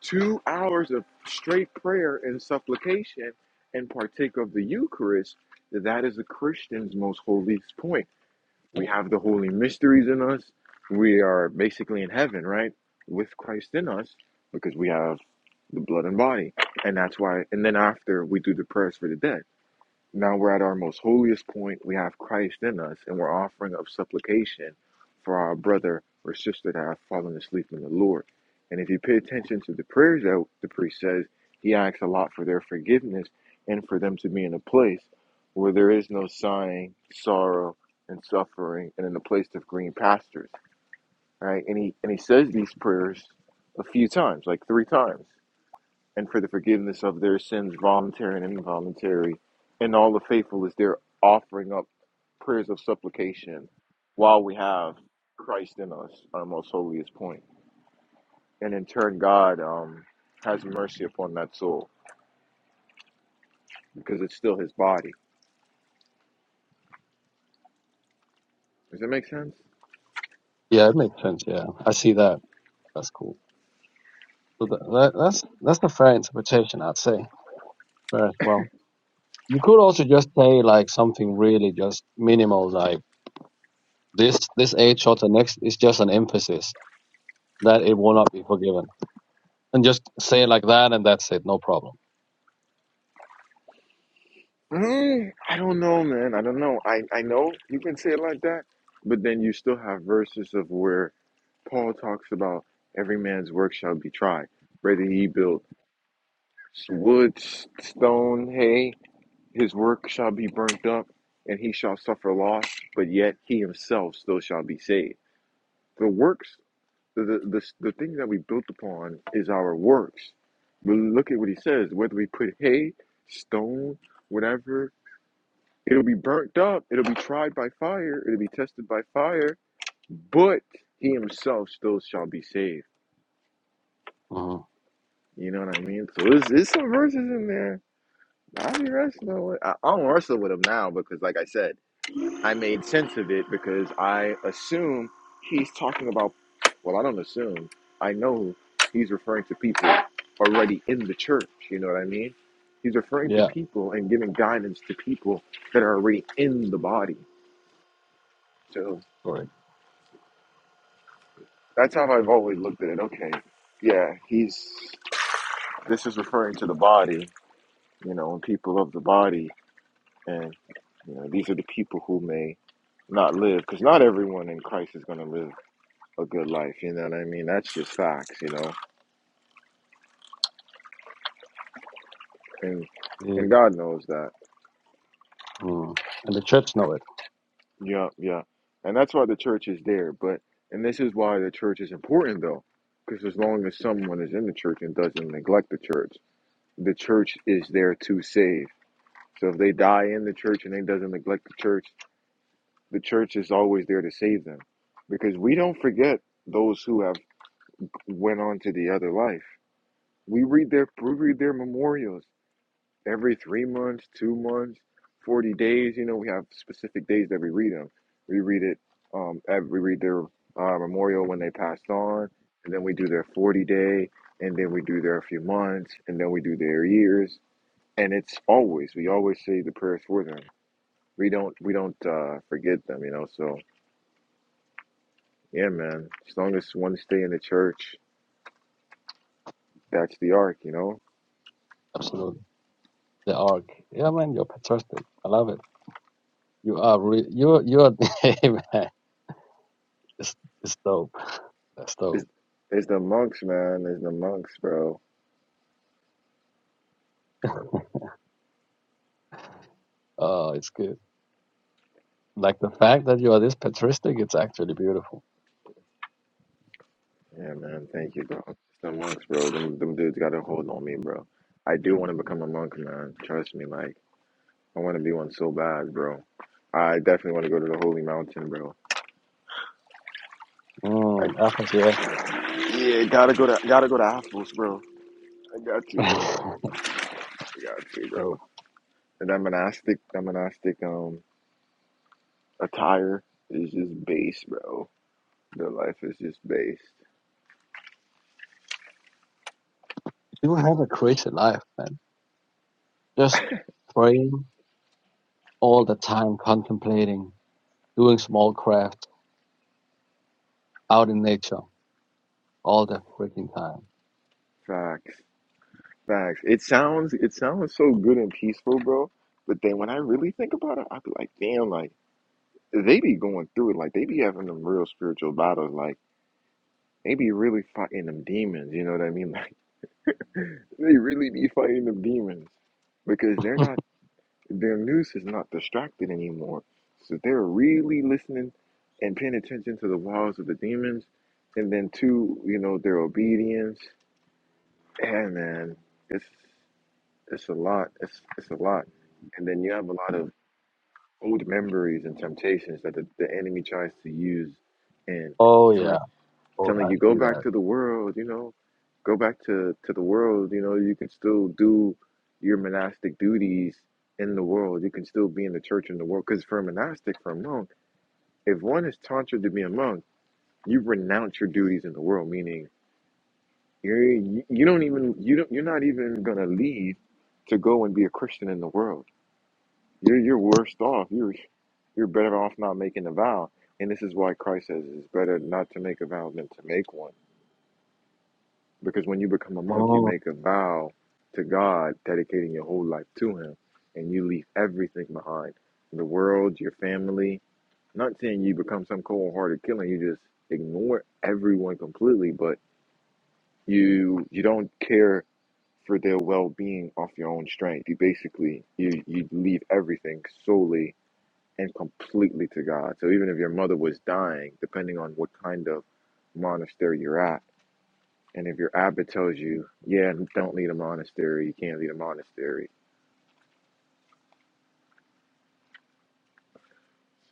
two hours of straight prayer and supplication and partake of the Eucharist, that is the Christian's most holy point. We have the holy mysteries in us. We are basically in heaven, right? With Christ in us because we have the blood and body. And that's why, and then after we do the prayers for the dead. Now we're at our most holiest point. We have Christ in us, and we're offering up supplication for our brother or sister that have fallen asleep in the Lord. And if you pay attention to the prayers that the priest says, he asks a lot for their forgiveness and for them to be in a place where there is no sighing, sorrow, and suffering, and in a place of green pastures. Right? And he and he says these prayers a few times, like three times and for the forgiveness of their sins, voluntary and involuntary. And all the faithful is there offering up prayers of supplication while we have Christ in us, our most holiest point. And in turn, God um, has mercy upon that soul because it's still his body. Does that make sense?
yeah, it makes sense. Yeah, I see that. That's cool. So that, that, that's that's a fair interpretation, I'd say. Fair as well. You could also just say like something really just minimal, like this this eight shot and next is just an emphasis that it will not be forgiven, and just say it like that, and that's it. No problem.
Mm, I don't know, man. I don't know. I, I know you can say it like that, but then you still have verses of where Paul talks about every man's work shall be tried, whether he built wood, stone, hay. His work shall be burnt up, and he shall suffer loss, but yet he himself still shall be saved. The works, the, the, the, the thing that we built upon is our works. But look at what he says whether we put hay, stone, whatever, it'll be burnt up, it'll be tried by fire, it'll be tested by fire, but he himself still shall be saved.
Uh,
You know what I mean? So there's, there's some verses in there Nah, I be wrestling with. I, I don't wrestle with him now because, like I said, I made sense of it because I assume he's talking about. Well, I don't assume. I know he's referring to people already in the church. You know what I mean? He's referring to
yeah,
people and giving guidance to people that are already in the body. So
correct.
that's how I've always looked at it. Okay, yeah, he's. This is referring to the body. You know, and people of the body And you know, these are the people who may not live, because not everyone in Christ is going to live a good life. You know what I mean? That's just facts. You know, and
Yeah.
and God knows that.
Mm. And the church know it.
Yeah, yeah, and that's why the church is there. But and this is why the church is important, though, because as long as someone is in the church and doesn't neglect the church, the church is there to save. So if they die in the church and they doesn't neglect the church, the church is always there to save them, because we don't forget those who have went on to the other life. We read their we read their memorials every three months, two months, forty days. You know, we have specific days that we read them. We read it. Um, ev- we read their uh, memorial when they passed on, and then we do their forty day, and then we do their few months, and then we do their years. And it's always we always say the prayers for them. We don't we don't uh, forget them. You know, so yeah, man. As long as one stay in the church, that's the ark. You know,
Absolutely. The ark. Yeah, man, you're patriotic. I love it. You are re- you you are hey, man. It's, it's dope. That's
It's,
dope.
it's the monks, man. It's the monks, bro.
Uh it's good. Like the fact that you are this patristic, it's actually beautiful.
Yeah, man. Thank you, bro. It's the monks, bro. Them, them dudes got a hold on me, bro. I do want to become a monk, man. Trust me, like I want to be one so bad, bro. I definitely want to go to the holy mountain, bro. I,
Mm, Athos, yeah.
yeah, gotta go to gotta go to Apples, bro. I got you, bro. I got you, bro.
so
And that monastic, that monastic um attire is just base, bro. The life is just based.
you have a creative life, man. Just praying all the time, contemplating, doing small crafts out in nature all the freaking time.
Facts. Facts. It sounds it sounds so good and peaceful, bro. But then when I really think about it, I be like, damn, like they be going through it. Like they be having them real spiritual battles. Like they be really fighting them demons. You know what I mean? Like they really be fighting them demons because they're not their noose is not distracted anymore. So they're really listening and paying attention to the wiles of the demons, and then two, you know, their obedience. And man, it's It's a lot. It's it's a lot. And then you have a lot of old memories and temptations that the, the enemy tries to use and
Oh yeah.
telling
Oh,
telling
I
you go
see
back
that.
to the world, you know, go back to, to the world, you know, you can still do your monastic duties in the world. You can still be in the church in the world. Because for a monastic, for a monk, if one is tonsured to be a monk, you renounce your duties in the world, meaning you're, you you don't even you don't you're not even gonna leave to go and be a Christian in the world You're you're worse off. You're you're better off not making a vow. And this is why Christ says it's better not to make a vow than to make one. Because when you become a monk, you
Oh,
make a vow to God, dedicating your whole life to Him, and you leave everything behind the world, your family. Not saying you become some cold hearted killer, you just ignore everyone completely, but you you don't care for their well being off your own strength. You basically you you leave everything solely and completely to God. So even if your mother was dying, depending on what kind of monastery you're at, and if your abbot tells you, yeah, don't lead a monastery, you can't lead a monastery.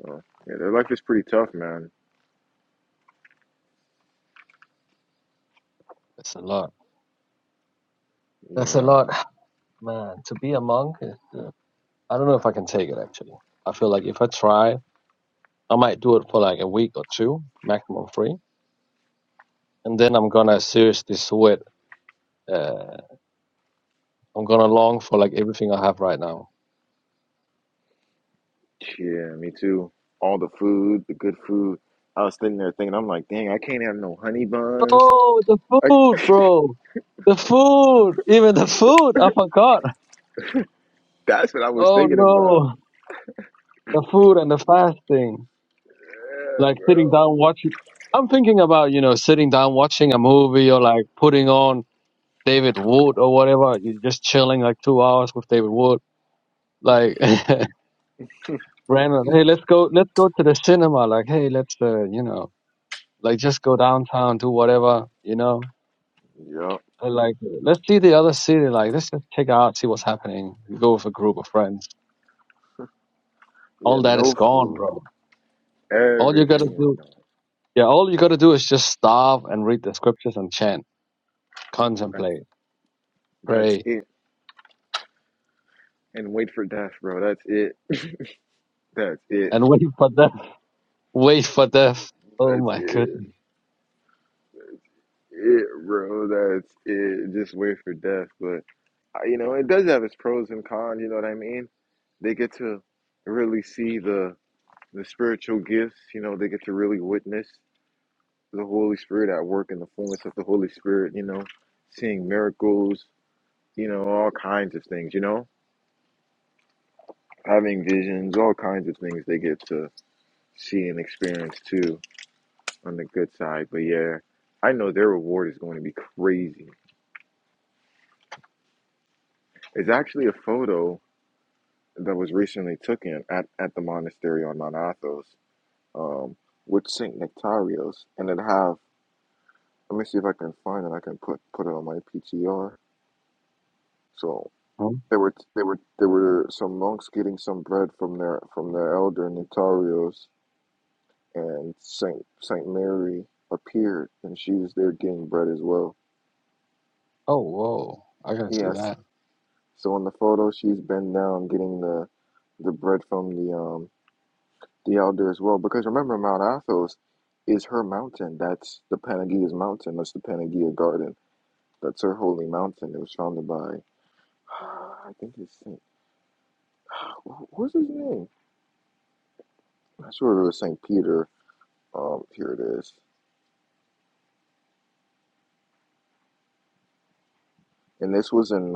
So yeah, their life is pretty tough, man.
That's a lot.
You
That's a
know,
lot, man. To be a monk, is, uh, I don't know if I can take it. Actually, I feel like if I try, I might do it for like a week or two, maximum three, and then I'm gonna seriously sweat. Uh, I'm gonna long for like everything I have right now.
yeah, me too. All the food, the good food. I was sitting there thinking, I'm like, dang, I can't have no honey buns.
Oh, the
Like
food, bro. The food, even the food, I forgot.
that's what I was
Oh
thinking about.
no, the food and the fasting.
Yeah,
like sitting
bro.
down watching i'm thinking about you know sitting down watching a movie or like putting on david wood or whatever you're just chilling like two hours with david wood like random hey let's go let's go to the cinema like hey let's uh, you know like just go downtown do whatever you know
Yup.
And, like let's see the other city like let's just check out see what's happening you go with a group of friends
Yeah,
all that is
no
gone
food.
bro all you gotta
Everything is
do
gone.
yeah all you gotta do is just stop and read the scriptures and chant contemplate
That's
pray
it. and wait for death, bro. That's it. That's it.
and wait for death. Wait for death. Oh
That's
my
it.
goodness.
It, bro. That's it. Just wait for death. But uh, you know, it does have its pros and cons. You know what I mean? They get to really see the the spiritual gifts. You know, they get to really witness the Holy Spirit at work and the fullness of the Holy Spirit. You know, seeing miracles. You know, all kinds of things. You know, having visions, all kinds of things they get to see and experience too on the good side. But yeah, I know their reward is going to be crazy. It's actually a photo that was recently taken at, at the monastery on Mount Athos um, with Saint Nectarios, and it have. Let me see if I can find it. I can put put it on my PTR. So
Huh?
there were there were there were some monks getting some bread from their from their elder Nectarios, and Saint Saint Mary appeared, and she was there getting bread as well.
Oh whoa! I gotta see
Yes.
that.
So in the photo, she's bent down getting the the bread from the um the elder as well. Because remember, Mount Athos is her mountain. That's the Panagia's mountain. That's the Panagia Garden. That's her holy mountain. It was founded by I think it's Saint. What's his name? I swear it was Saint Peter. Um, here it is. And this was in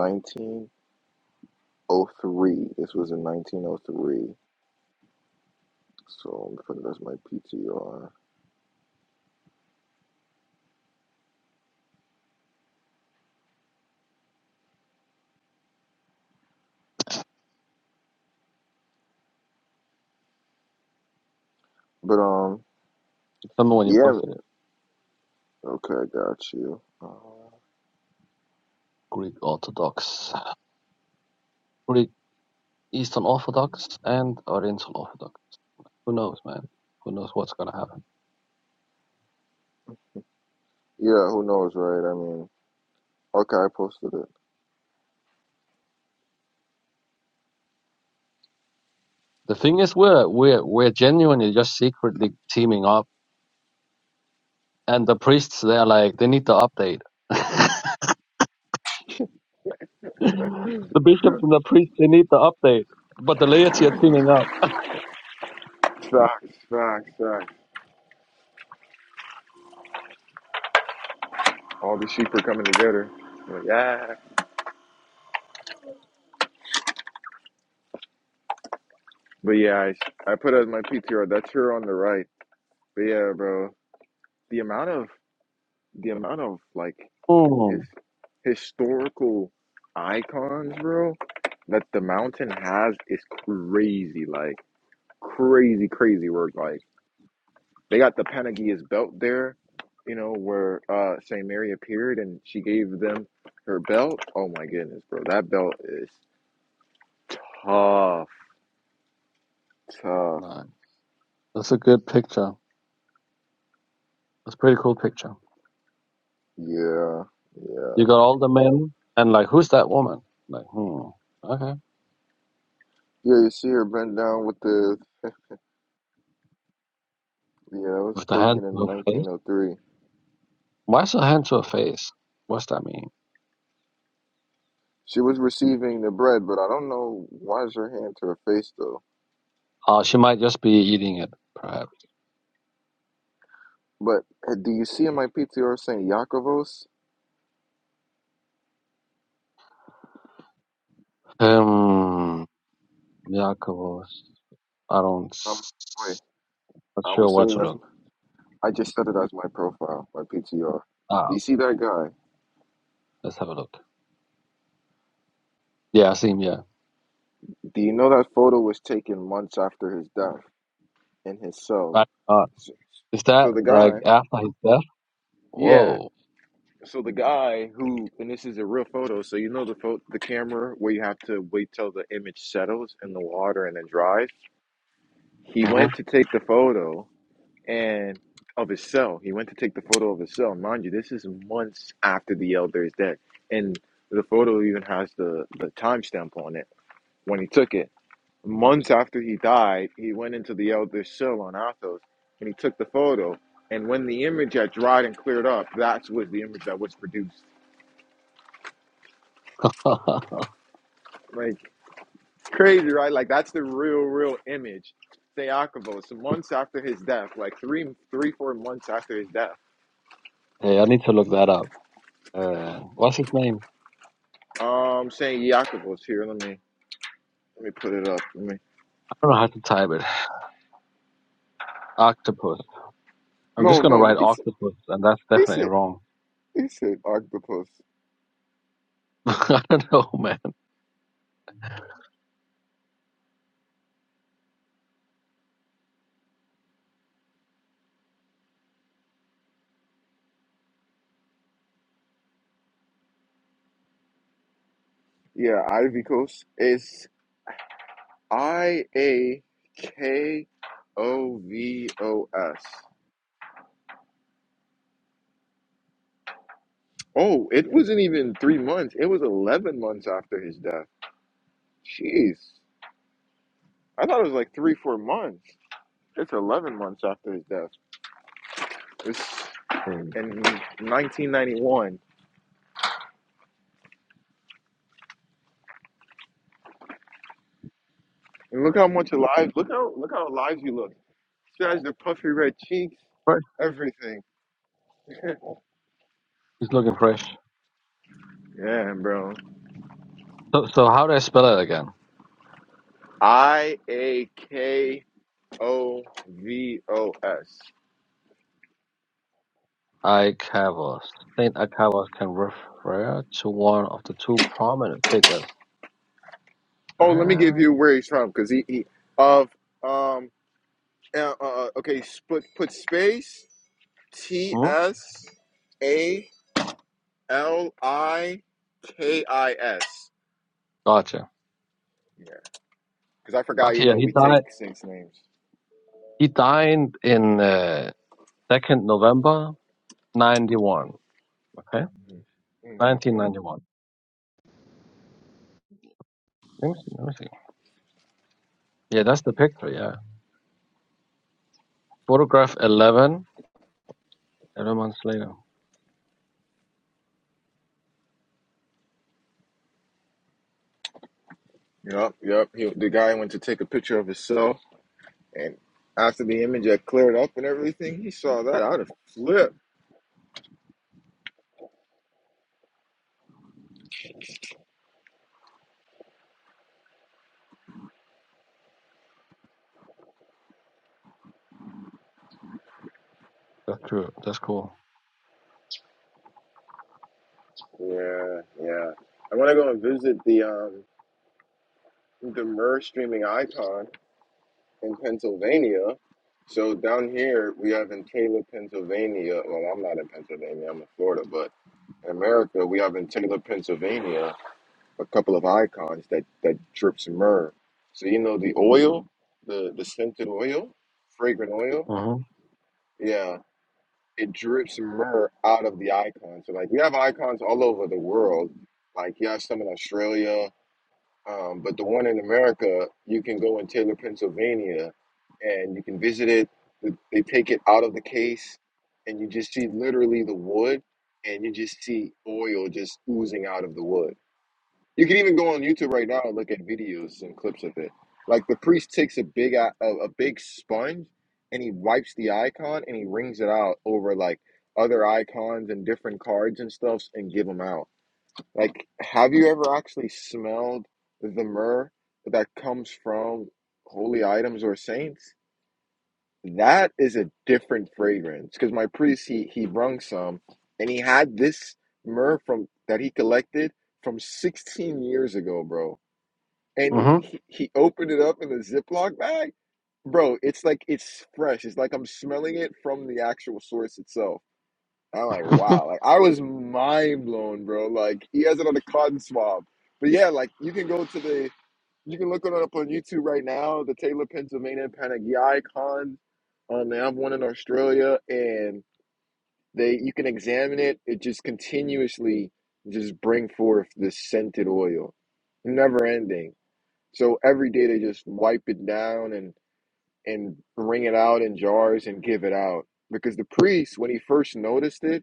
1903. This was in 1903. So I'm putting that's my PTR. But um,
Remember when you
yeah.
posted it?
Okay, I got you. Um,
Greek Orthodox, Greek Eastern Orthodox, and Oriental Orthodox. Who knows, man? Who knows what's gonna happen?
Yeah, who knows, right? I mean, okay, I posted it.
The thing is, we're we're we're genuinely just secretly teaming up, and the priests they're like they need the update. the bishop and the priests they need the update, but the laity are teaming up.
Facts, facts, facts. All the sheep are coming together. Like, yeah. But yeah, I, I put as my PTR. That's her on the right. But yeah, bro, the amount of the amount of like his
Hmm.
historical icons, bro, that the mountain has is crazy. Like crazy, crazy work. Like They got the Panagia's belt there, you know, where uh Saint Mary appeared and she gave them her belt. Oh my goodness, bro. That belt is tough, tough.
Nah, that's a good picture. That's a pretty cool picture.
Yeah, yeah.
You got all the men, and like, who's that woman? Like, hmm, okay.
Yeah, you see her bent down with the yeah, it was
With the hand
taken
to
in
her face?
nineteen oh three.
Why's her hand to her face? What's that mean?
She was receiving the bread, but I don't know why is her hand to her face though.
Uh, she might just be eating it, perhaps.
But uh, do you see in my PTR Saint Yakovos?
Um, Jacobos. I don't,
Um, wait,
s- not
I
sure
was
where
sending
to
that.
look.
I just set it as my profile, my PTR. Do
Ah,
you see that guy?
let's have a look. Yeah, I see him, yeah.
Do you know that photo was taken months after his death in his cell?
Right. Uh,
So,
is that
so the
like
guy,
after his death?
yeah,
Whoa.
so the guy who, and this is a real photo. So you know the photo, the camera where you have to wait till the image settles in the water and then dries. He went to take the photo and of his cell. He went to take the photo of his cell. Mind you, this is months after the elder is dead, and the photo even has the the timestamp on it when he took it months after he died, he went into the Elder Shill on Athos and he took the photo. And when the image had dried and cleared up, that was the image that was produced.
Mm-hmm.
Like, crazy, right? Like, that's the real, real image. Theakovos, months after his death, like three, three, four months after his death.
hey, I need to look that up. Uh, what's his name?
Um, saying Yakovos here. Let me, let me put it up. Let me.
I don't know how to type it. Octopus. I'm
No,
just gonna
no,
write
he said,
octopus, and that's
he
definitely
said,
wrong.
he said octopus.
I don't know, man.
Yeah, Ivy Coast. I A K O V O S. Oh, it wasn't even three months. It was 11 months after his death. Jeez. I thought it was like three, four months. It's 11 months after his death. It's
Hey,
in 1991. And look how much alive, look how, look how alive you look. She has the puffy red cheeks,
Fresh.
everything.
It's looking fresh.
Yeah, bro.
So, so how do I spell it again?
I A K O V O S.
Icavos. Saint Icavos can refer to one of the two prominent figures.
Oh, let me give
Ah,
you where he's from because he, he of um uh, uh, uh, okay put put space T
hmm?
S A L I K I S.
Gotcha.
Yeah, because I forgot. You
Okay, yeah,
know,
he
we take
died.
saints' names.
He died in uh, second November ninety one. Okay, nineteen
Mm-hmm.
ninety one. Let me see. Let me see. Yeah, that's the picture. Yeah, photograph eleven. Eleven months later.
Yep, yep. He, the guy went to take a picture of himself, and after the image had cleared up and everything, he saw that. I'd have flipped.
That's true. That's cool.
Yeah, yeah. I want to go and visit the um the MER streaming icon. in Pennsylvania. So down here we have in Taylor, Pennsylvania. Well, I'm not in Pennsylvania. I'm in Florida, but in America we have in Taylor, Pennsylvania, a couple of icons that that drips myrrh. So you know the oil, the the scented oil, fragrant oil.
Mm-hmm.
Yeah, it drips myrrh out of the icon. So like we have icons all over the world. Like you have some in Australia. Um, but the one in America, you can go in Taylor, Pennsylvania, and you can visit it. They take it out of the case, and you just see literally the wood, and you just see oil just oozing out of the wood. You can even go on YouTube right now and look at videos and clips of it. Like the priest takes a big a, a big sponge, and he wipes the icon and he wrings it out over like other icons and different cards and stuffs and give them out like, have you ever actually smelled the myrrh that comes from holy items or saints? That is a different fragrance. Because my priest, he, he brung some, and he had this myrrh from that he collected from 16 years ago, bro. And
Mm-hmm.
he, he, he opened it up in a Ziploc bag. Bro, it's like it's fresh. It's like I'm smelling it from the actual source itself. And I'm like, wow. Like I was mind blown, bro. Like he has it on the cotton swab. But yeah, like you can go to the you can look it up on YouTube right now, the Taylor Pennsylvania Panagiai con. Um they have one in Australia and they you can examine it. It just continuously just bring forth this scented oil. Never ending. So every day they just wipe it down and and bring it out in jars and give it out. Because the priest, when he first noticed it,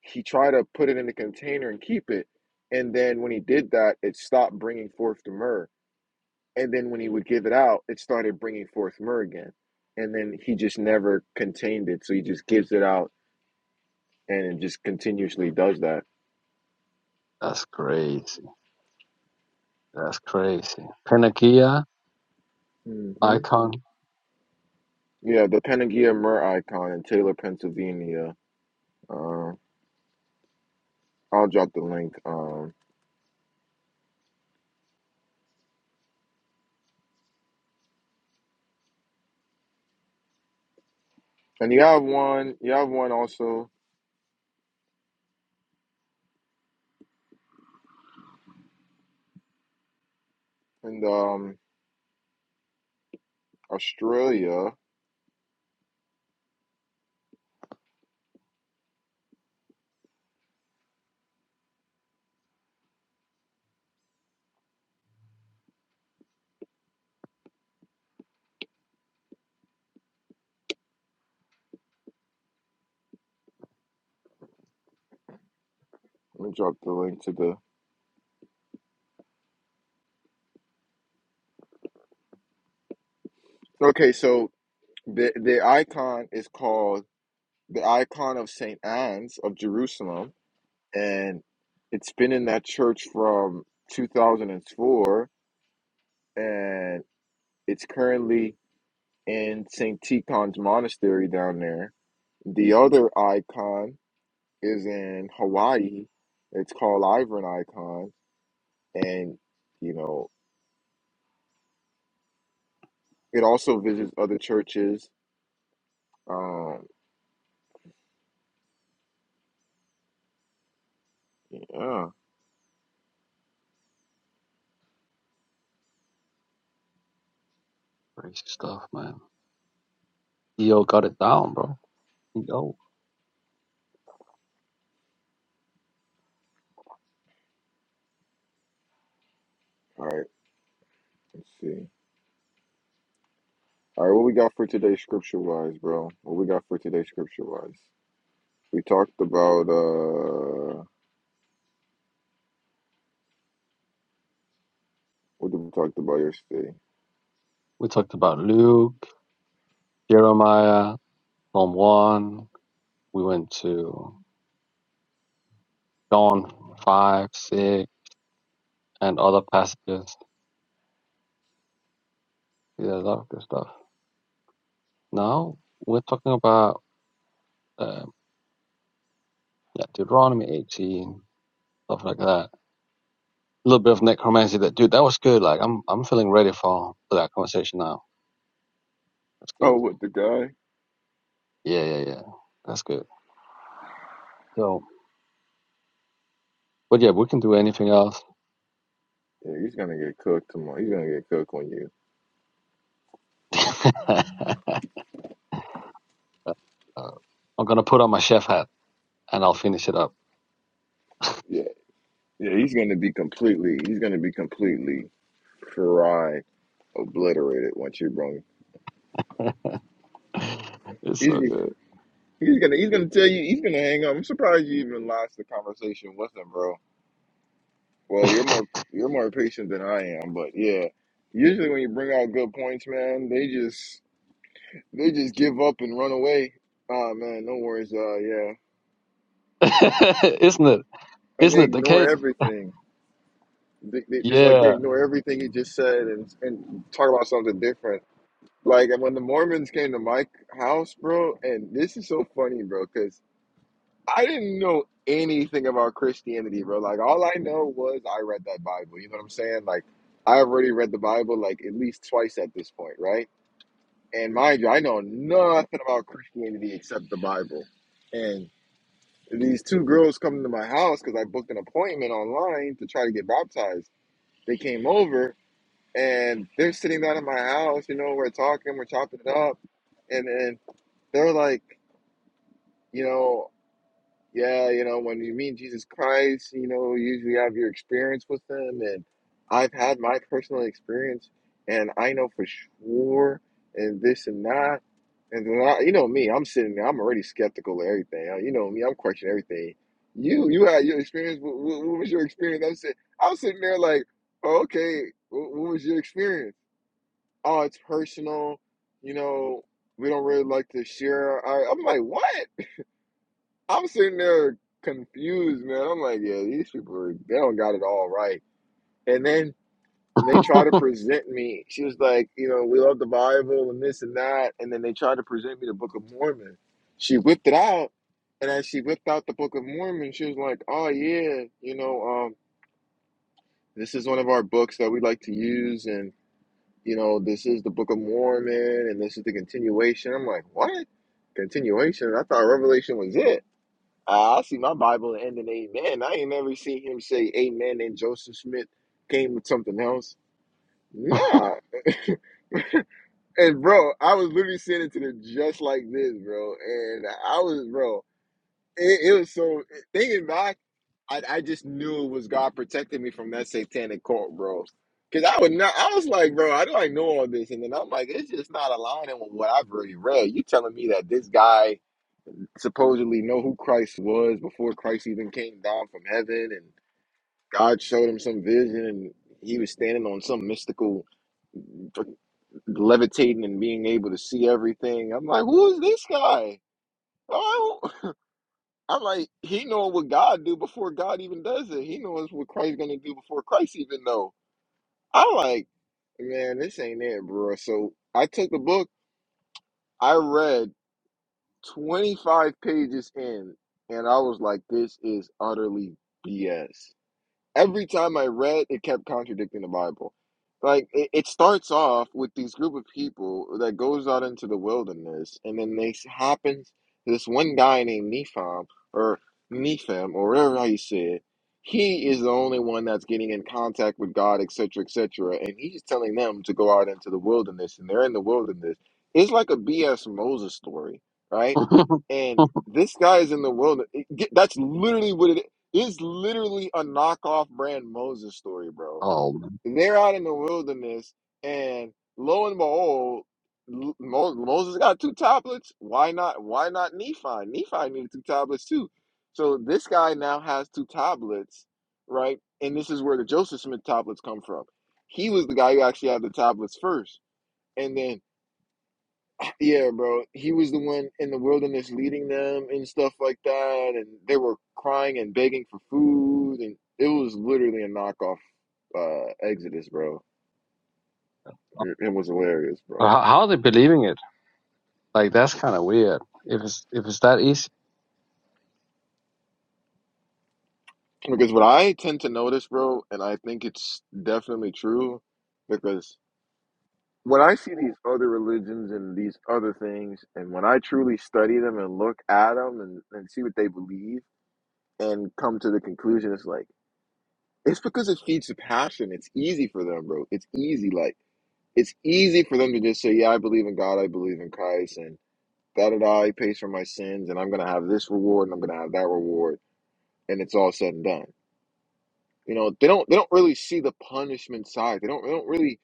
he tried to put it in the container and keep it. And then when he did that, it stopped bringing forth the myrrh. And then when he would give it out, it started bringing forth myrrh again. And then he just never contained it. So he just gives it out and it just continuously does that.
That's crazy. That's crazy. Panagia,
hmm
icon,
Yeah, the Panagia myrrh icon in Taylor, Pennsylvania. Uh, I'll drop the link. Um, and you have one, you have one also in um, Australia. Let me drop the link to the. Okay, so The the icon is called the icon of Saint Anne's of Jerusalem, and it's been in that church from 2004, and four, and it's currently in Saint Tikhon's monastery down there. The other icon is in Hawaii. It's called Ivern Icon, and you know it also visits other churches. Um, yeah, all
crazy stuff, man. Yo got it down, bro. Yo.
right, let's see. All right, what we got for today, scripture wise, bro? What we got for today, scripture wise? We talked about uh, what did we talk about yesterday?
We talked about Luke, Jeremiah, Psalm 1. We went to John 5, 6, and other passages. Yeah, a lot of good stuff. Now we're talking about uh, yeah, Deuteronomy 18, stuff like that. A little bit of necromancy. That dude, that was good. Like I'm, I'm feeling ready for, for that conversation now. That's good.
Oh, with the guy?
Yeah, yeah, yeah. That's good. So, but yeah, we can do anything else.
Yeah, he's gonna get cooked tomorrow. He's gonna get cooked on you.
Uh, I'm gonna put on my chef hat and I'll finish it up.
Yeah, yeah, he's gonna be completely. He's gonna be completely fried, obliterated once you bring.
It's so
He's
good,
he's gonna he's gonna tell you he's gonna hang up. I'm surprised you even lost the conversation with him, bro. Well, you're more you're more patient than I am, but yeah. Usually when you bring out good points, man, they just They just give up and run away. Oh man, no worries. Uh, yeah,
isn't it?
and
Isn't
they
it the
ignore
case?
everything. They, they, it's like they
Yeah.
ignore everything he just said and and talk about something different. Like and when the Mormons came to my house, bro, and this is so funny, bro, because I didn't know anything about Christianity, bro. Like all I know was I read that Bible. You know what I'm saying? Like I already read the Bible like at least twice at this point, right? And mind you, I know nothing about Christianity except the Bible, and These two girls come to my house because I booked an appointment online to try to get baptized. They came over and they're sitting down at my house. You know, we're talking, we're chopping it up, and then they're like, you know yeah, you know, when you meet Jesus Christ, you know, you usually have your experience with him. And I've had my personal experience, and I know for sure, and this and that. And then I, you know me, I'm sitting there, I'm already skeptical of everything. Uh, You know me, I'm questioning everything. You, you had your experience. What, what, what was your experience? I'm sitting, I'm sitting there like, oh, okay, what, what was your experience? Oh, it's personal. You know, we don't really like to share. I, I'm like, what? I'm sitting there confused, man. I'm like, yeah, these people are, they don't got it all right. And then they try to present me. She was like, you know, we love the Bible and this and that. And then they tried to present me the Book of Mormon. She whipped it out. And as she whipped out the Book of Mormon, she was like, oh, yeah, you know, um, this is one of our books that we like to use. And, you know, this is the Book of Mormon and this is the continuation. I'm like, what? Continuation? I thought Revelation was it. I I see my Bible ending amen. I ain't never seen him say amen and Joseph Smith came with something else. Nah. And bro, I was literally sitting it to them just like this, bro. And I was, bro, it, it was so, thinking back, I, I just knew it was God protecting me from that satanic cult, bro. Cause I would not, I was like, bro, I do not like know all this? And then I'm like, it's just not aligning with what I've already read. You telling me that this guy supposedly know who Christ was before Christ even came down from heaven and God showed him some vision and he was standing on some mystical like, levitating and being able to see everything. I'm like, who is this guy? Oh, I'm like, he knowing what God do before God even does it. He knows what Christ gonna do before Christ even know. I'm like, man, this ain't it, bro. So I took the book. I read 25 pages in, and I was like, this is utterly BS. every time I read, it kept contradicting the Bible. Like it, it starts off with these group of people that goes out into the wilderness, and then they happens this one guy named Nephim or Nephim or whatever how you say it. He is the only one that's getting in contact with God, etc., etc., and he's telling them to go out into the wilderness, and they're in the wilderness. It's like a BS Moses story, right? And this guy is in the wilderness. It- That's literally what it it's literally a knockoff brand Moses story, bro.
oh, man.
They're out in the wilderness, and lo and behold, Mo- Moses got two tablets. Why not? Why not Nephi? Nephi needed two tablets too. So this guy now has two tablets, right? And this is where the Joseph Smith tablets come from. He was the guy who actually had the tablets first, and then yeah, bro. He was the one in the wilderness leading them and stuff like that, and they were crying and begging for food, and it was literally a knockoff uh, Exodus, bro. It, it was hilarious, bro.
how, how are they believing it? Like that's kind of weird. If it's if it's that easy,
Because what I tend to notice, bro, and I think it's definitely true, because when I see these other religions and these other things, and when I truly study them and look at them and, and see what they believe, and come to the conclusion, it's like. It's because it feeds the passion. It's easy for them, bro. It's easy. Like it's easy for them to just say, "Yeah, I believe in God. I believe in Christ, and da da da. He pays for my sins, and I'm gonna have this reward, and I'm gonna have that reward, and it's all said and done." You know, they don't they don't really see the punishment side. They don't they don't really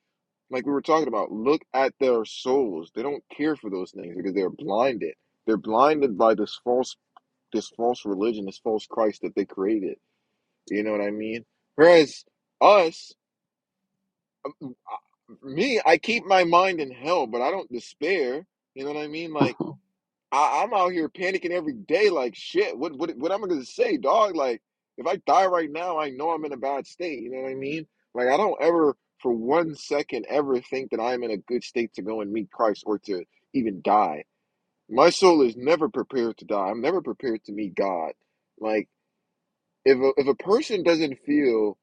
like we were talking about. Look at their souls. They don't care for those things because they're blinded. They're blinded by this false this false religion, this false Christ that they created. You know what I mean? Whereas us. Um, uh, me, I keep my mind in hell, but I don't despair. You know what I mean? Like I, I'm out here panicking every day, like shit. What what what am I gonna say, dog? Like if I die right now, I know I'm in a bad state. You know what I mean? Like I don't ever, for one second, ever think that I'm in a good state to go and meet Christ or to even die. My soul is never prepared to die. I'm never prepared to meet God. Like if a, if a person doesn't feel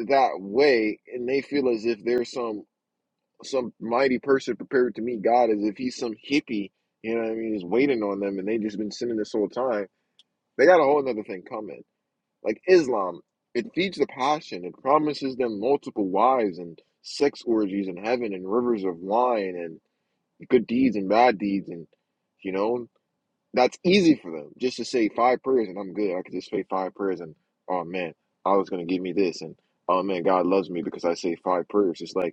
that way and they feel as if there's some some mighty person prepared to meet God as if he's some hippie, you know what I mean, is waiting on them and they just been sinning this whole time. They got a whole other thing coming. Like Islam, it feeds the passion, it promises them multiple wives and sex orgies in heaven and rivers of wine and good deeds and bad deeds and you know, that's easy for them just to say five prayers and I'm good. I could just say five prayers and oh man, Allah's gonna give me this and oh man, God loves me because I say five prayers. It's like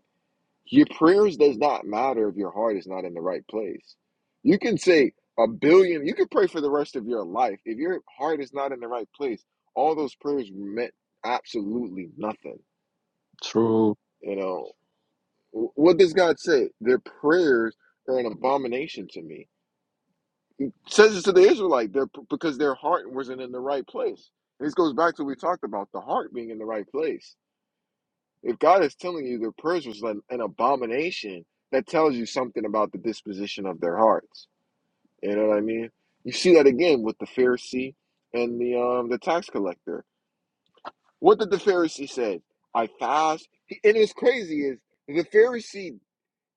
your prayers does not matter if your heart is not in the right place. You can say a billion, you can pray for the rest of your life. If your heart is not in the right place, all those prayers meant absolutely nothing.
true.
You know, what does God say? Their prayers are an abomination to me. It Says it to the Israelite there because their heart wasn't in the right place. And This goes back to what we talked about the heart being in the right place. If God is telling you their prayers was an, an abomination, that tells you something about the disposition of their hearts. You know what I mean? You see that again with the Pharisee and the um the tax collector. What did the Pharisee say? I fast. He, and what's crazy is the Pharisee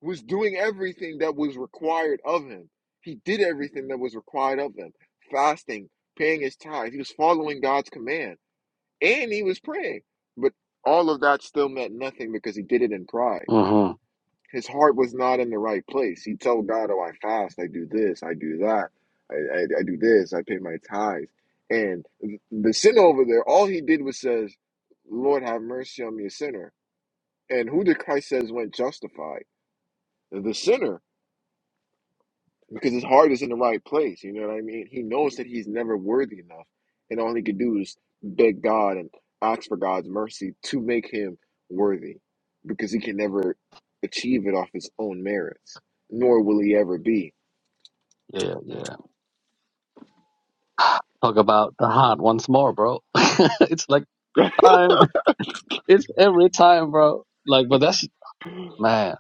was doing everything that was required of him. He did everything that was required of him. Fasting, paying his tithes. He was following God's command. And he was praying. But all of that still meant nothing because he did it in pride.
hmm
His heart was not in the right place. He told God, "Oh, I fast. I do this. I do that. I, I, I do this. I pay my tithes." And the sinner over there, all he did was says, "Lord, have mercy on me, a sinner." And who did Christ says went justified? The sinner because his heart is in the right place. You know what I mean? He knows that he's never worthy enough, and all he could do is beg God and ask for God's mercy to make him worthy, because he can never achieve it off his own merits, nor will he ever be.
Yeah, yeah. Talk about the heart once more, bro. it's like time. It's every time, bro. Like, but that's man.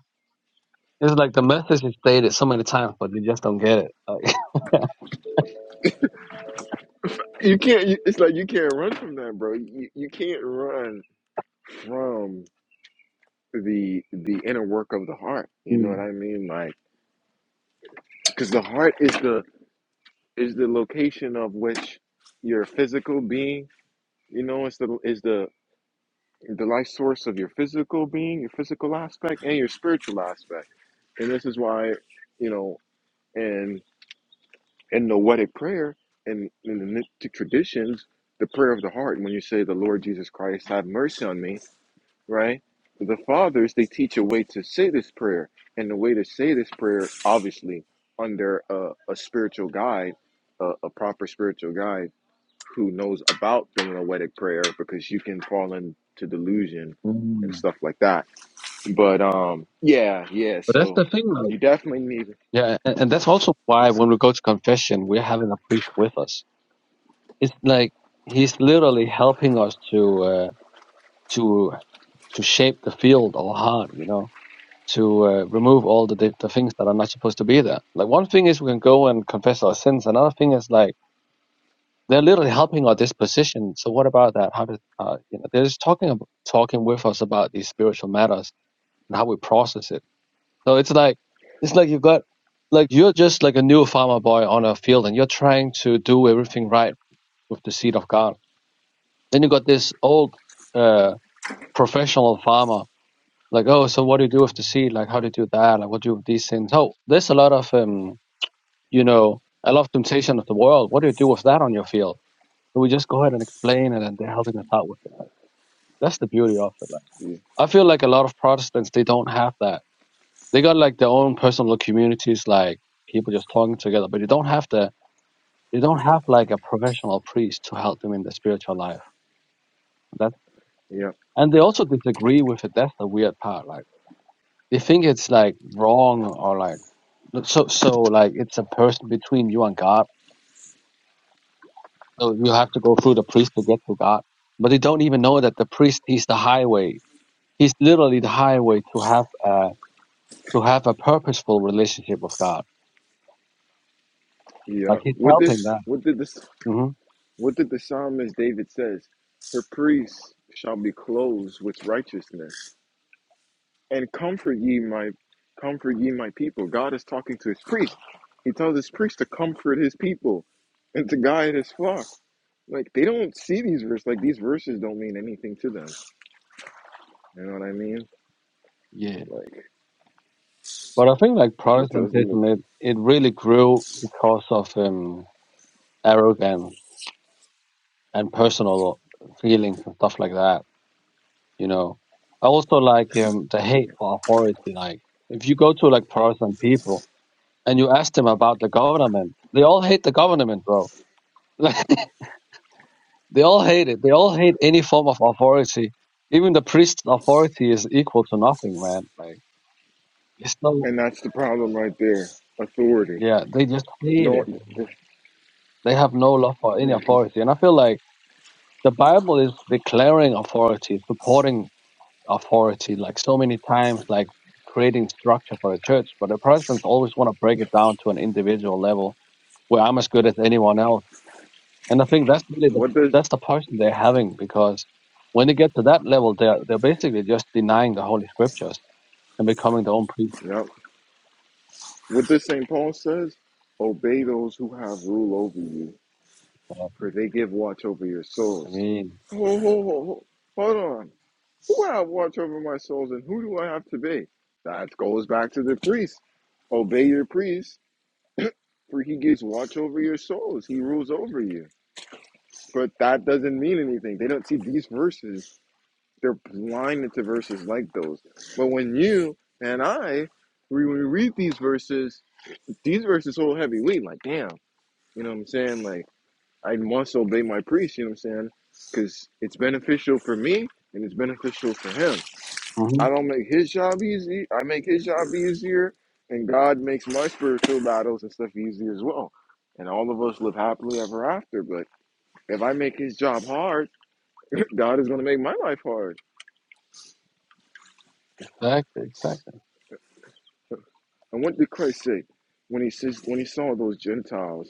It's like the message is stated so many times, but they just don't get it. Like,
you can't. You, it's like you can't run from that, bro. You you can't run from the the inner work of the heart. You know what
Mm,
I mean? Like, because the heart is the is the location of which your physical being. You know, it's the is the the life source of your physical being, your physical aspect, and your spiritual aspect. And this is why, you know, in in the noetic prayer and in, the mystic traditions, the prayer of the heart, when you say the Lord Jesus Christ, have mercy on me, right? The fathers they teach a way to say this prayer, and the way to say this prayer, obviously, under a, a spiritual guide, a, a proper spiritual guide who knows about the noetic prayer because you can fall into delusion and
mm.
stuff like that. But um, yeah, yeah.
but that's
So
the thing, like,
you definitely need.
yeah, and, and that's also why when we go to confession, we're having a priest with us. It's like he's literally helping us to uh, to to shape the field of our heart, you know, to uh, remove all the the things that are not supposed to be there. Like one thing is we can go and confess our sins. Another thing is like they're literally helping our disposition. So what about that? How did uh, you know? They're just talking ab- talking with us about these spiritual matters and how we process it. So it's like it's like you have got like you're just like a new farmer boy on a field, and you're trying to do everything right with the seed of God. Then you got this old uh, professional farmer, like oh, so what do you do with the seed? Like how do you do that? Like what do you do with these things? Oh, there's a lot of um, you know, a lot of temptation of the world. What do you do with that on your field? So we just go ahead and explain it and then they're helping us out with it. Like that's the beauty of it. Like I feel like a lot of Protestants they don't have that. They got like their own personal communities, like people just talking together, but they don't have the they don't have like a professional priest to help them in their spiritual life. That
Yeah,
and they also disagree with it. That's the weird part. Like they think it's like wrong or like so so like it's a person between you and God. So you have to go through the priest to get to God. But they don't even know that the priest he's the highway He's literally the highway to have a to have a purposeful relationship with God.
yeah.
Like he's
What
helping
this?
that.
What did this?
hmm
What did the psalmist David says? Her priests shall be clothed with righteousness, and comfort ye my, comfort ye my people. God is talking to his priest. He tells his priest to comfort his people and to guide his flock. Like they don't see these verses. Like these verses don't mean anything to them. You know what I mean?
Yeah.
Like
But I think like
it tells them,
Protestantism, it, it really grew because of um, arrogance and personal feelings and stuff like that. You know, I also like um, the hate for authority. Like if you go to like Protestant people and you ask them about the government, they all hate the government, bro. They all hate it. They all hate any form of authority. Even the priest's authority is equal to nothing, man. Like it's no
and that's the problem right there. Authority.
yeah, they just hate
No,
it. They have no love for any
yeah,
authority. And I feel like the Bible is declaring authority, supporting authority like so many times, like creating structure for the church. But the Protestants always want to break it down to an individual level where I'm as good as anyone else And I think that's really the,
what does
that's the passion they're having because when they get to that level, they're they're basically just denying the holy scriptures and becoming their own priests.
yep. what does Saint Paul says? Obey those who have rule over you,
Uh,
for they give watch over your
I
souls.
mean,
Ho, ho, ho, ho. Hold on. Who have watch over my souls, and who do I have to be? That goes back to the priest. Obey your priest, for he gives watch over your souls. He rules over you. But that doesn't mean anything. They don't see these verses. They're blinded to verses like those. But when you and I, when we read these verses, these verses hold heavy weight. Like, damn, you know what I'm saying? Like, I must obey my priest, you know what I'm saying? Because it's beneficial for me and it's beneficial for him.
hmm
I don't make his job easy. I make his job easier. And God makes my spiritual battles and stuff easy as well. And all of us live happily ever after. But if I make his job hard, God is going to make my life hard.
exactly, exactly.
And what did Christ say when he says when he saw those Gentiles?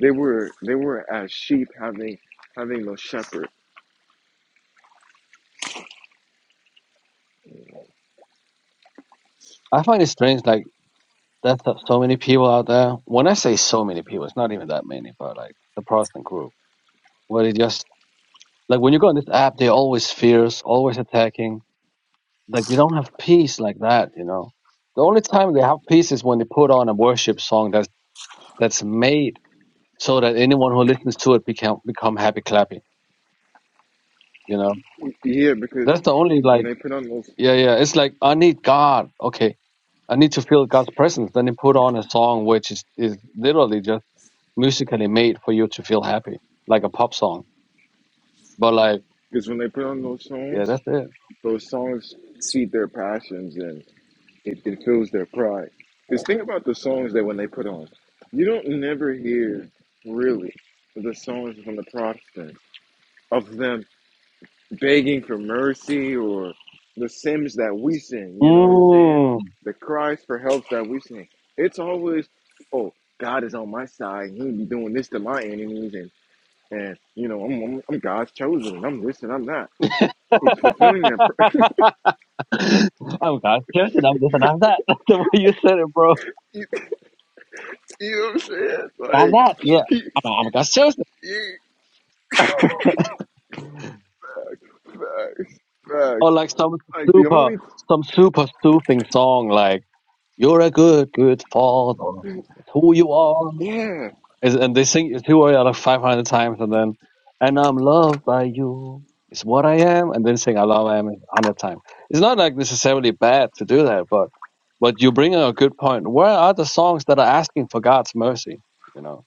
They were they were as sheep having having no shepherd.
I find it strange, like that's the- so many people out there. When I say so many people, it's not even that many, but like the Protestant group, where they just like when you go on this app, they're always fierce, always attacking. Like they don't have peace like that, you know. The only time they have peace is when they put on a worship song that's that's made so that anyone who listens to it become become happy clappy. You know,
Yeah, because
that's the only
when
like,
they put on those
yeah, yeah. It's like I need God. Okay, I need to feel God's presence. Then they put on a song which is is literally just musically made for you to feel happy, like a pop song. But like,
because when they put on those
yeah,
songs,
that's it.
those songs feed their passions and it, it fills their pride. Because think about the songs that when they put on, you don't never hear really the songs from the Protestants of them begging for mercy or the Sims that we sing, you know what I'm saying?
Mm.
The cries for help that we sing. It's always, oh, God is on my side. and He'll be doing this to my enemies, and and you know I'm I'm, I'm God's chosen. And I'm this and I'm that. It's fulfilling that. Pr-
I'm God's chosen. I'm this and I'm that. That's the way you said it, bro.
you, you know what I'm saying?
I'm
Like
that. Yeah,
he,
I'm, I'm God's chosen.
he, facts,
Or
facts.
like some
Like the
super,
only
some super soothing song, like. You're a good, good father. It's who you are.
yeah
Is- And they sing it's who I am like 500 times, and then, and I'm loved by you. It's what I am, and then sing I love I am 100 times. It's not like necessarily bad to do that, but but you bring up a good point. Where are the songs that are asking for God's mercy? You know,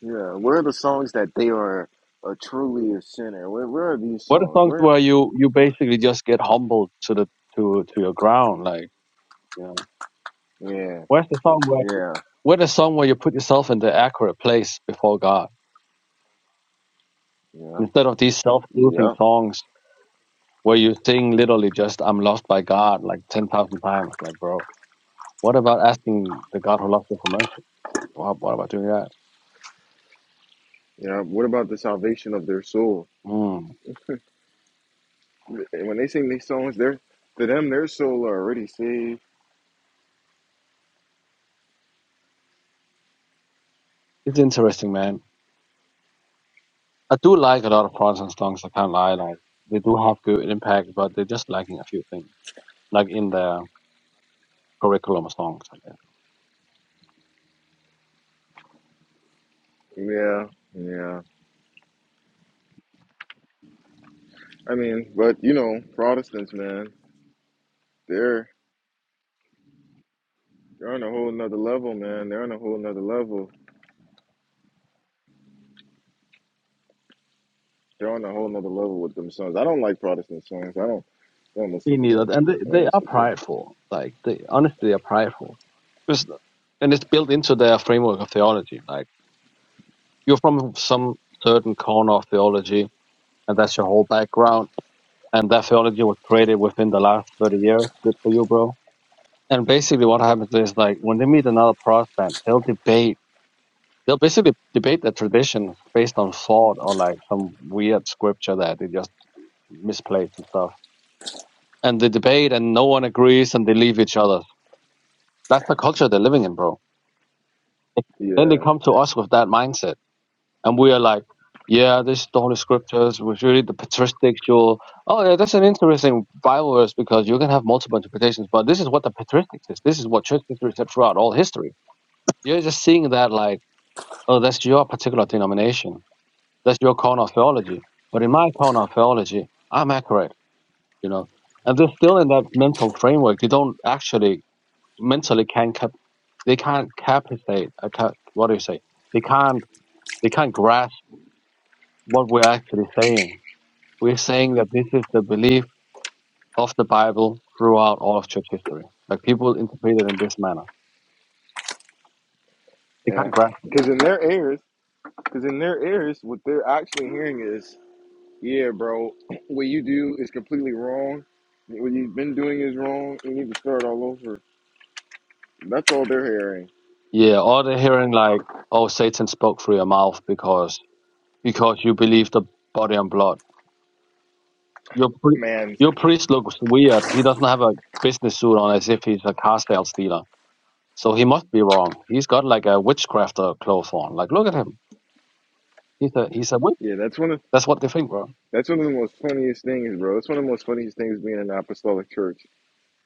yeah. Where are the songs that they are are truly a sinner? Where where are these
what are
songs?
songs
Where,
where you you
where
basically just get humbled to the to to your ground? Like you know,
yeah
where's the song where
yeah
where's the song where you put yourself in the accurate place before God?
yeah.
instead of these self-soothing
Yep.
songs where you sing literally just "I'm lost by God" like ten thousand times. Like, bro, what about asking the God who loves you for mercy? Like, what, what about doing that?
Yeah. What about the salvation of their soul?
Mm.
And When they sing these songs, they're to them their soul are already saved.
It's interesting, man. I do like a lot of Protestant songs. I can't lie, like they do have good impact, but they're just lacking a few things, like in their curriculum of songs. I guess
Yeah. Yeah. I mean, but you know, Protestants, man, they're they're on a whole nother level, man. They're on a whole nother level. They're on a whole nother level with them songs. I don't like Protestant songs. I don't I don't
they
listen to
need
them.
that, and they,
I don't
they are
listen to.
prideful. Like they honestly are prideful. Just and it's built into their framework of theology. Like You're from some certain corner of theology, and that's your whole background. And that theology was created within the last 30 years. Good for you, bro. And basically, what happens is like when they meet another Protestant, they'll debate. They'll basically debate their tradition based on thought or like some weird scripture that they just misplaced and stuff. And they debate, and no one agrees, and they leave each other. That's the culture they're living in, bro. Then they
Yeah.
come to us with that mindset and we are like, yeah, this is the Holy Scriptures was really the Patristic. patristical. Oh, yeah, that's an interesting Bible verse because you can have multiple interpretations, but this is what the patristics is. This is what church history said throughout all history. You're just seeing that like, oh, that's your particular denomination. That's your corner of theology. But in my corner of theology, I'm accurate, you know. And they're still in that mental framework. They don't actually mentally can cap, they can't capitate. I can't, what do you say? They can't, they can't grasp what we're actually saying We're saying that this is the belief of the Bible throughout all of church history. Like people interpret it in this manner. They can't
Yeah.
grasp it.
Because in their ears, because in their ears, what they're actually hearing is Yeah, bro. What you do is completely wrong. What you've been doing is wrong. You need to start all over. That's all they're hearing,
Yeah, or they're hearing like, oh, Satan spoke through your mouth because because you believe the body and blood. Your pri-
man.
your priest looks weird. He doesn't have a business suit on as if he's a car sales dealer. So he must be wrong. He's got like a witchcraft uh, cloth on. Like look at him. He's a he's a witch.
Yeah, that's one of
That's what they think, bro.
that's one of the most funniest things, bro. That's one of the most funniest things being in an apostolic church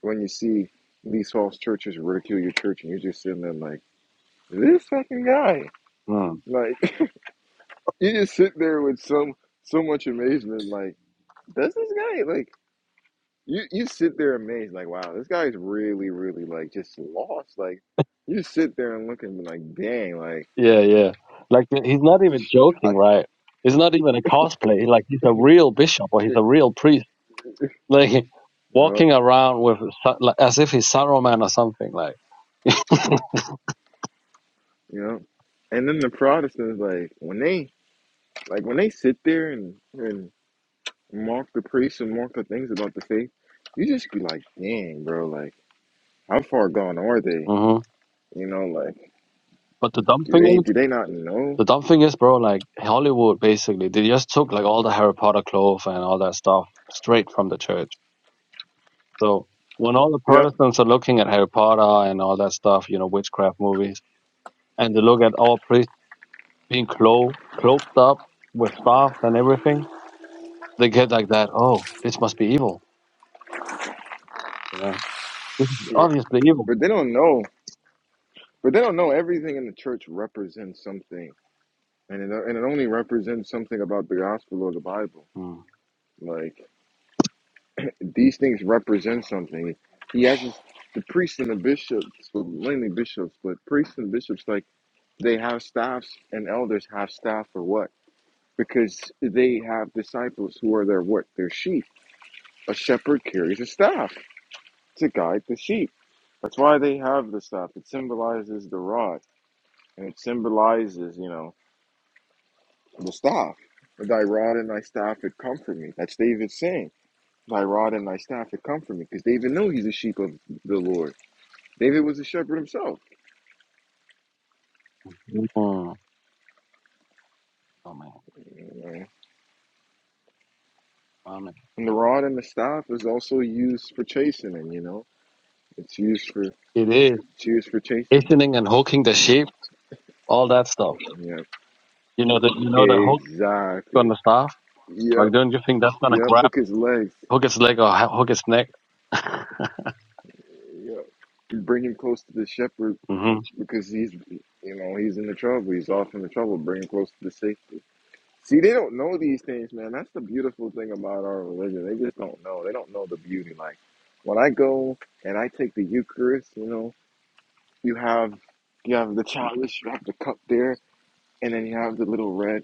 when you see these false churches ridicule your church, and you're just sitting there like this fucking guy.
Hmm.
Like you just sit there with some so much amazement, like does this guy like You you sit there amazed, like, wow, this guy's really, really like just lost. Like, you just sit there and look and be like, dang, like,
Yeah, yeah. Like th- he's not even
I,
joking, right? It's not even a cosplay. Like he's a real bishop or he's a real priest, like
yep,
walking around with sa- like, as if he's Saruman or something. Like,
yep. And then the Protestants, like, when they like when they sit there and and mock the priests and mock the things about the faith, you just be like, dang, bro, like, how far gone are they?
hmm
You know, like,
but the dumb
do
thing
they
is,
do they not know?
the dumb thing is, bro. Like Hollywood, basically, they just took like all the Harry Potter clothes and all that stuff straight from the church. So when all the
Yep,
Protestants are looking at Harry Potter and all that stuff, you know, witchcraft movies, and they look at all priests being clothed, cloaked up with staffs and everything they get like that. Oh, this must be evil. You know, this is
yeah.
obviously evil.
but they don't know. But they don't know everything in the church represents something and it, and it only represents something about the gospel or the Bible.
Mm.
Like these things represent something. He has his, the priests and the bishops, well, mainly bishops, but priests and bishops, like they have staffs, and elders have staff for what? Because they have disciples who are their what? Their sheep. A shepherd carries a staff to guide the sheep. That's why they have the staff. It symbolizes the rod, and it symbolizes, you know, the staff. Thy rod and thy staff it comfort me. That's David's saying Thy rod and thy staff that comfort me, because David knew he's a sheep of the Lord. David was a shepherd himself.
Mm. Oh man,
you know.
oh, man.
And the rod and the staff is also used for chastening, you know. It's used for it's
It is
used for chastening.
hastening and hooking the sheep, all that stuff.
Yep.
You know that you know the hook on
Exactly.
the staff. Like,
Yep.
don't you think that's gonna
Yep.
grab,
Hook his legs.
hook its leg or ho- hook its neck?
Yep. Bring him close to the shepherd
mm-hmm.
because he's you know, he's in the trouble. He's off in the trouble. Bring him close to the safety. See, they don't know these things, man. That's the beautiful thing about our religion. They just don't know. They don't know the beauty. Like when I go and I take the Eucharist, you know, you have you have the chalice, you have the cup there, and then you have the little red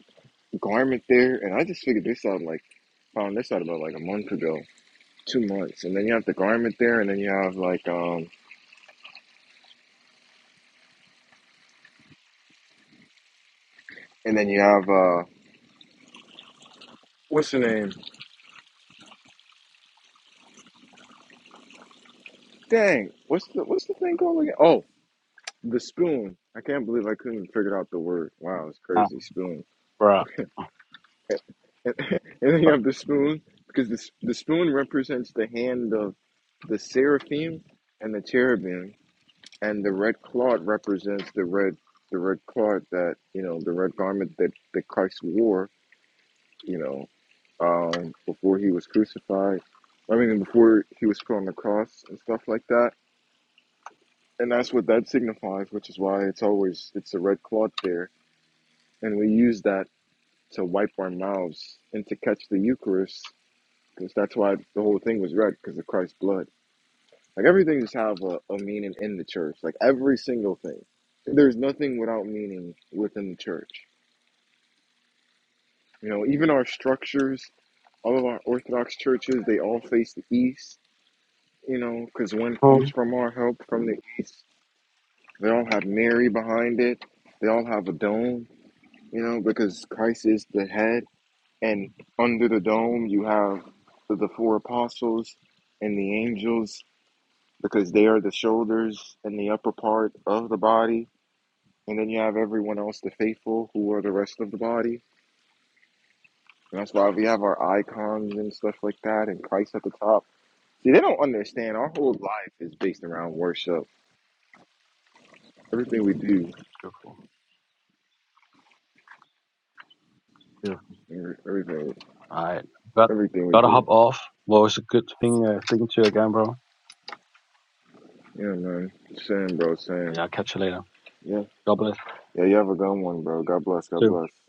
garment there. And I just figured this out like found this out about like a month ago, two months. And then you have the garment there, and then you have like um, and then you have uh, what's the name? Dang, what's the what's the thing called again? Oh. The spoon. I can't believe I couldn't figure out the word. Wow, it's
Ah,
crazy. Spoon.
bruh.
And, then you have the spoon because the s- the spoon represents the hand of the seraphim and the cherubim, and the red cloth represents the red the red cloth that you know the red garment that that Christ wore. You know, um, before he was crucified. I mean, before he was put on the cross and stuff like that. And that's what that signifies, which is why it's always it's a red cloth there, and we use that to wipe our mouths and to catch the Eucharist, because that's why the whole thing was red, because of Christ's blood. Like everything just have a, a meaning in the church. Like every single thing, there's nothing without meaning within the church. You know, even our structures, all of our Orthodox churches, they all face the east. You know, because one comes
Mm.
from our help from the east. They all have Mary behind it. They all have a dome. You know, because Christ is the head and under the dome you have the, the four apostles and the angels because they are the shoulders and the upper part of the body and then you have everyone else the faithful who are the rest of the body and that's why we have our icons and stuff like that and christ at the top see they don't understand our whole life is based around worship everything we do
Beautiful. Beautiful.
everything
All right, got
everything we
gotta hop
do
off. Well, it's a good thing uh, speaking to you again, bro.
yeah man same bro same
Yeah, I'll catch you later.
yeah
God bless.
yeah you have a good one bro god bless god
Too.
bless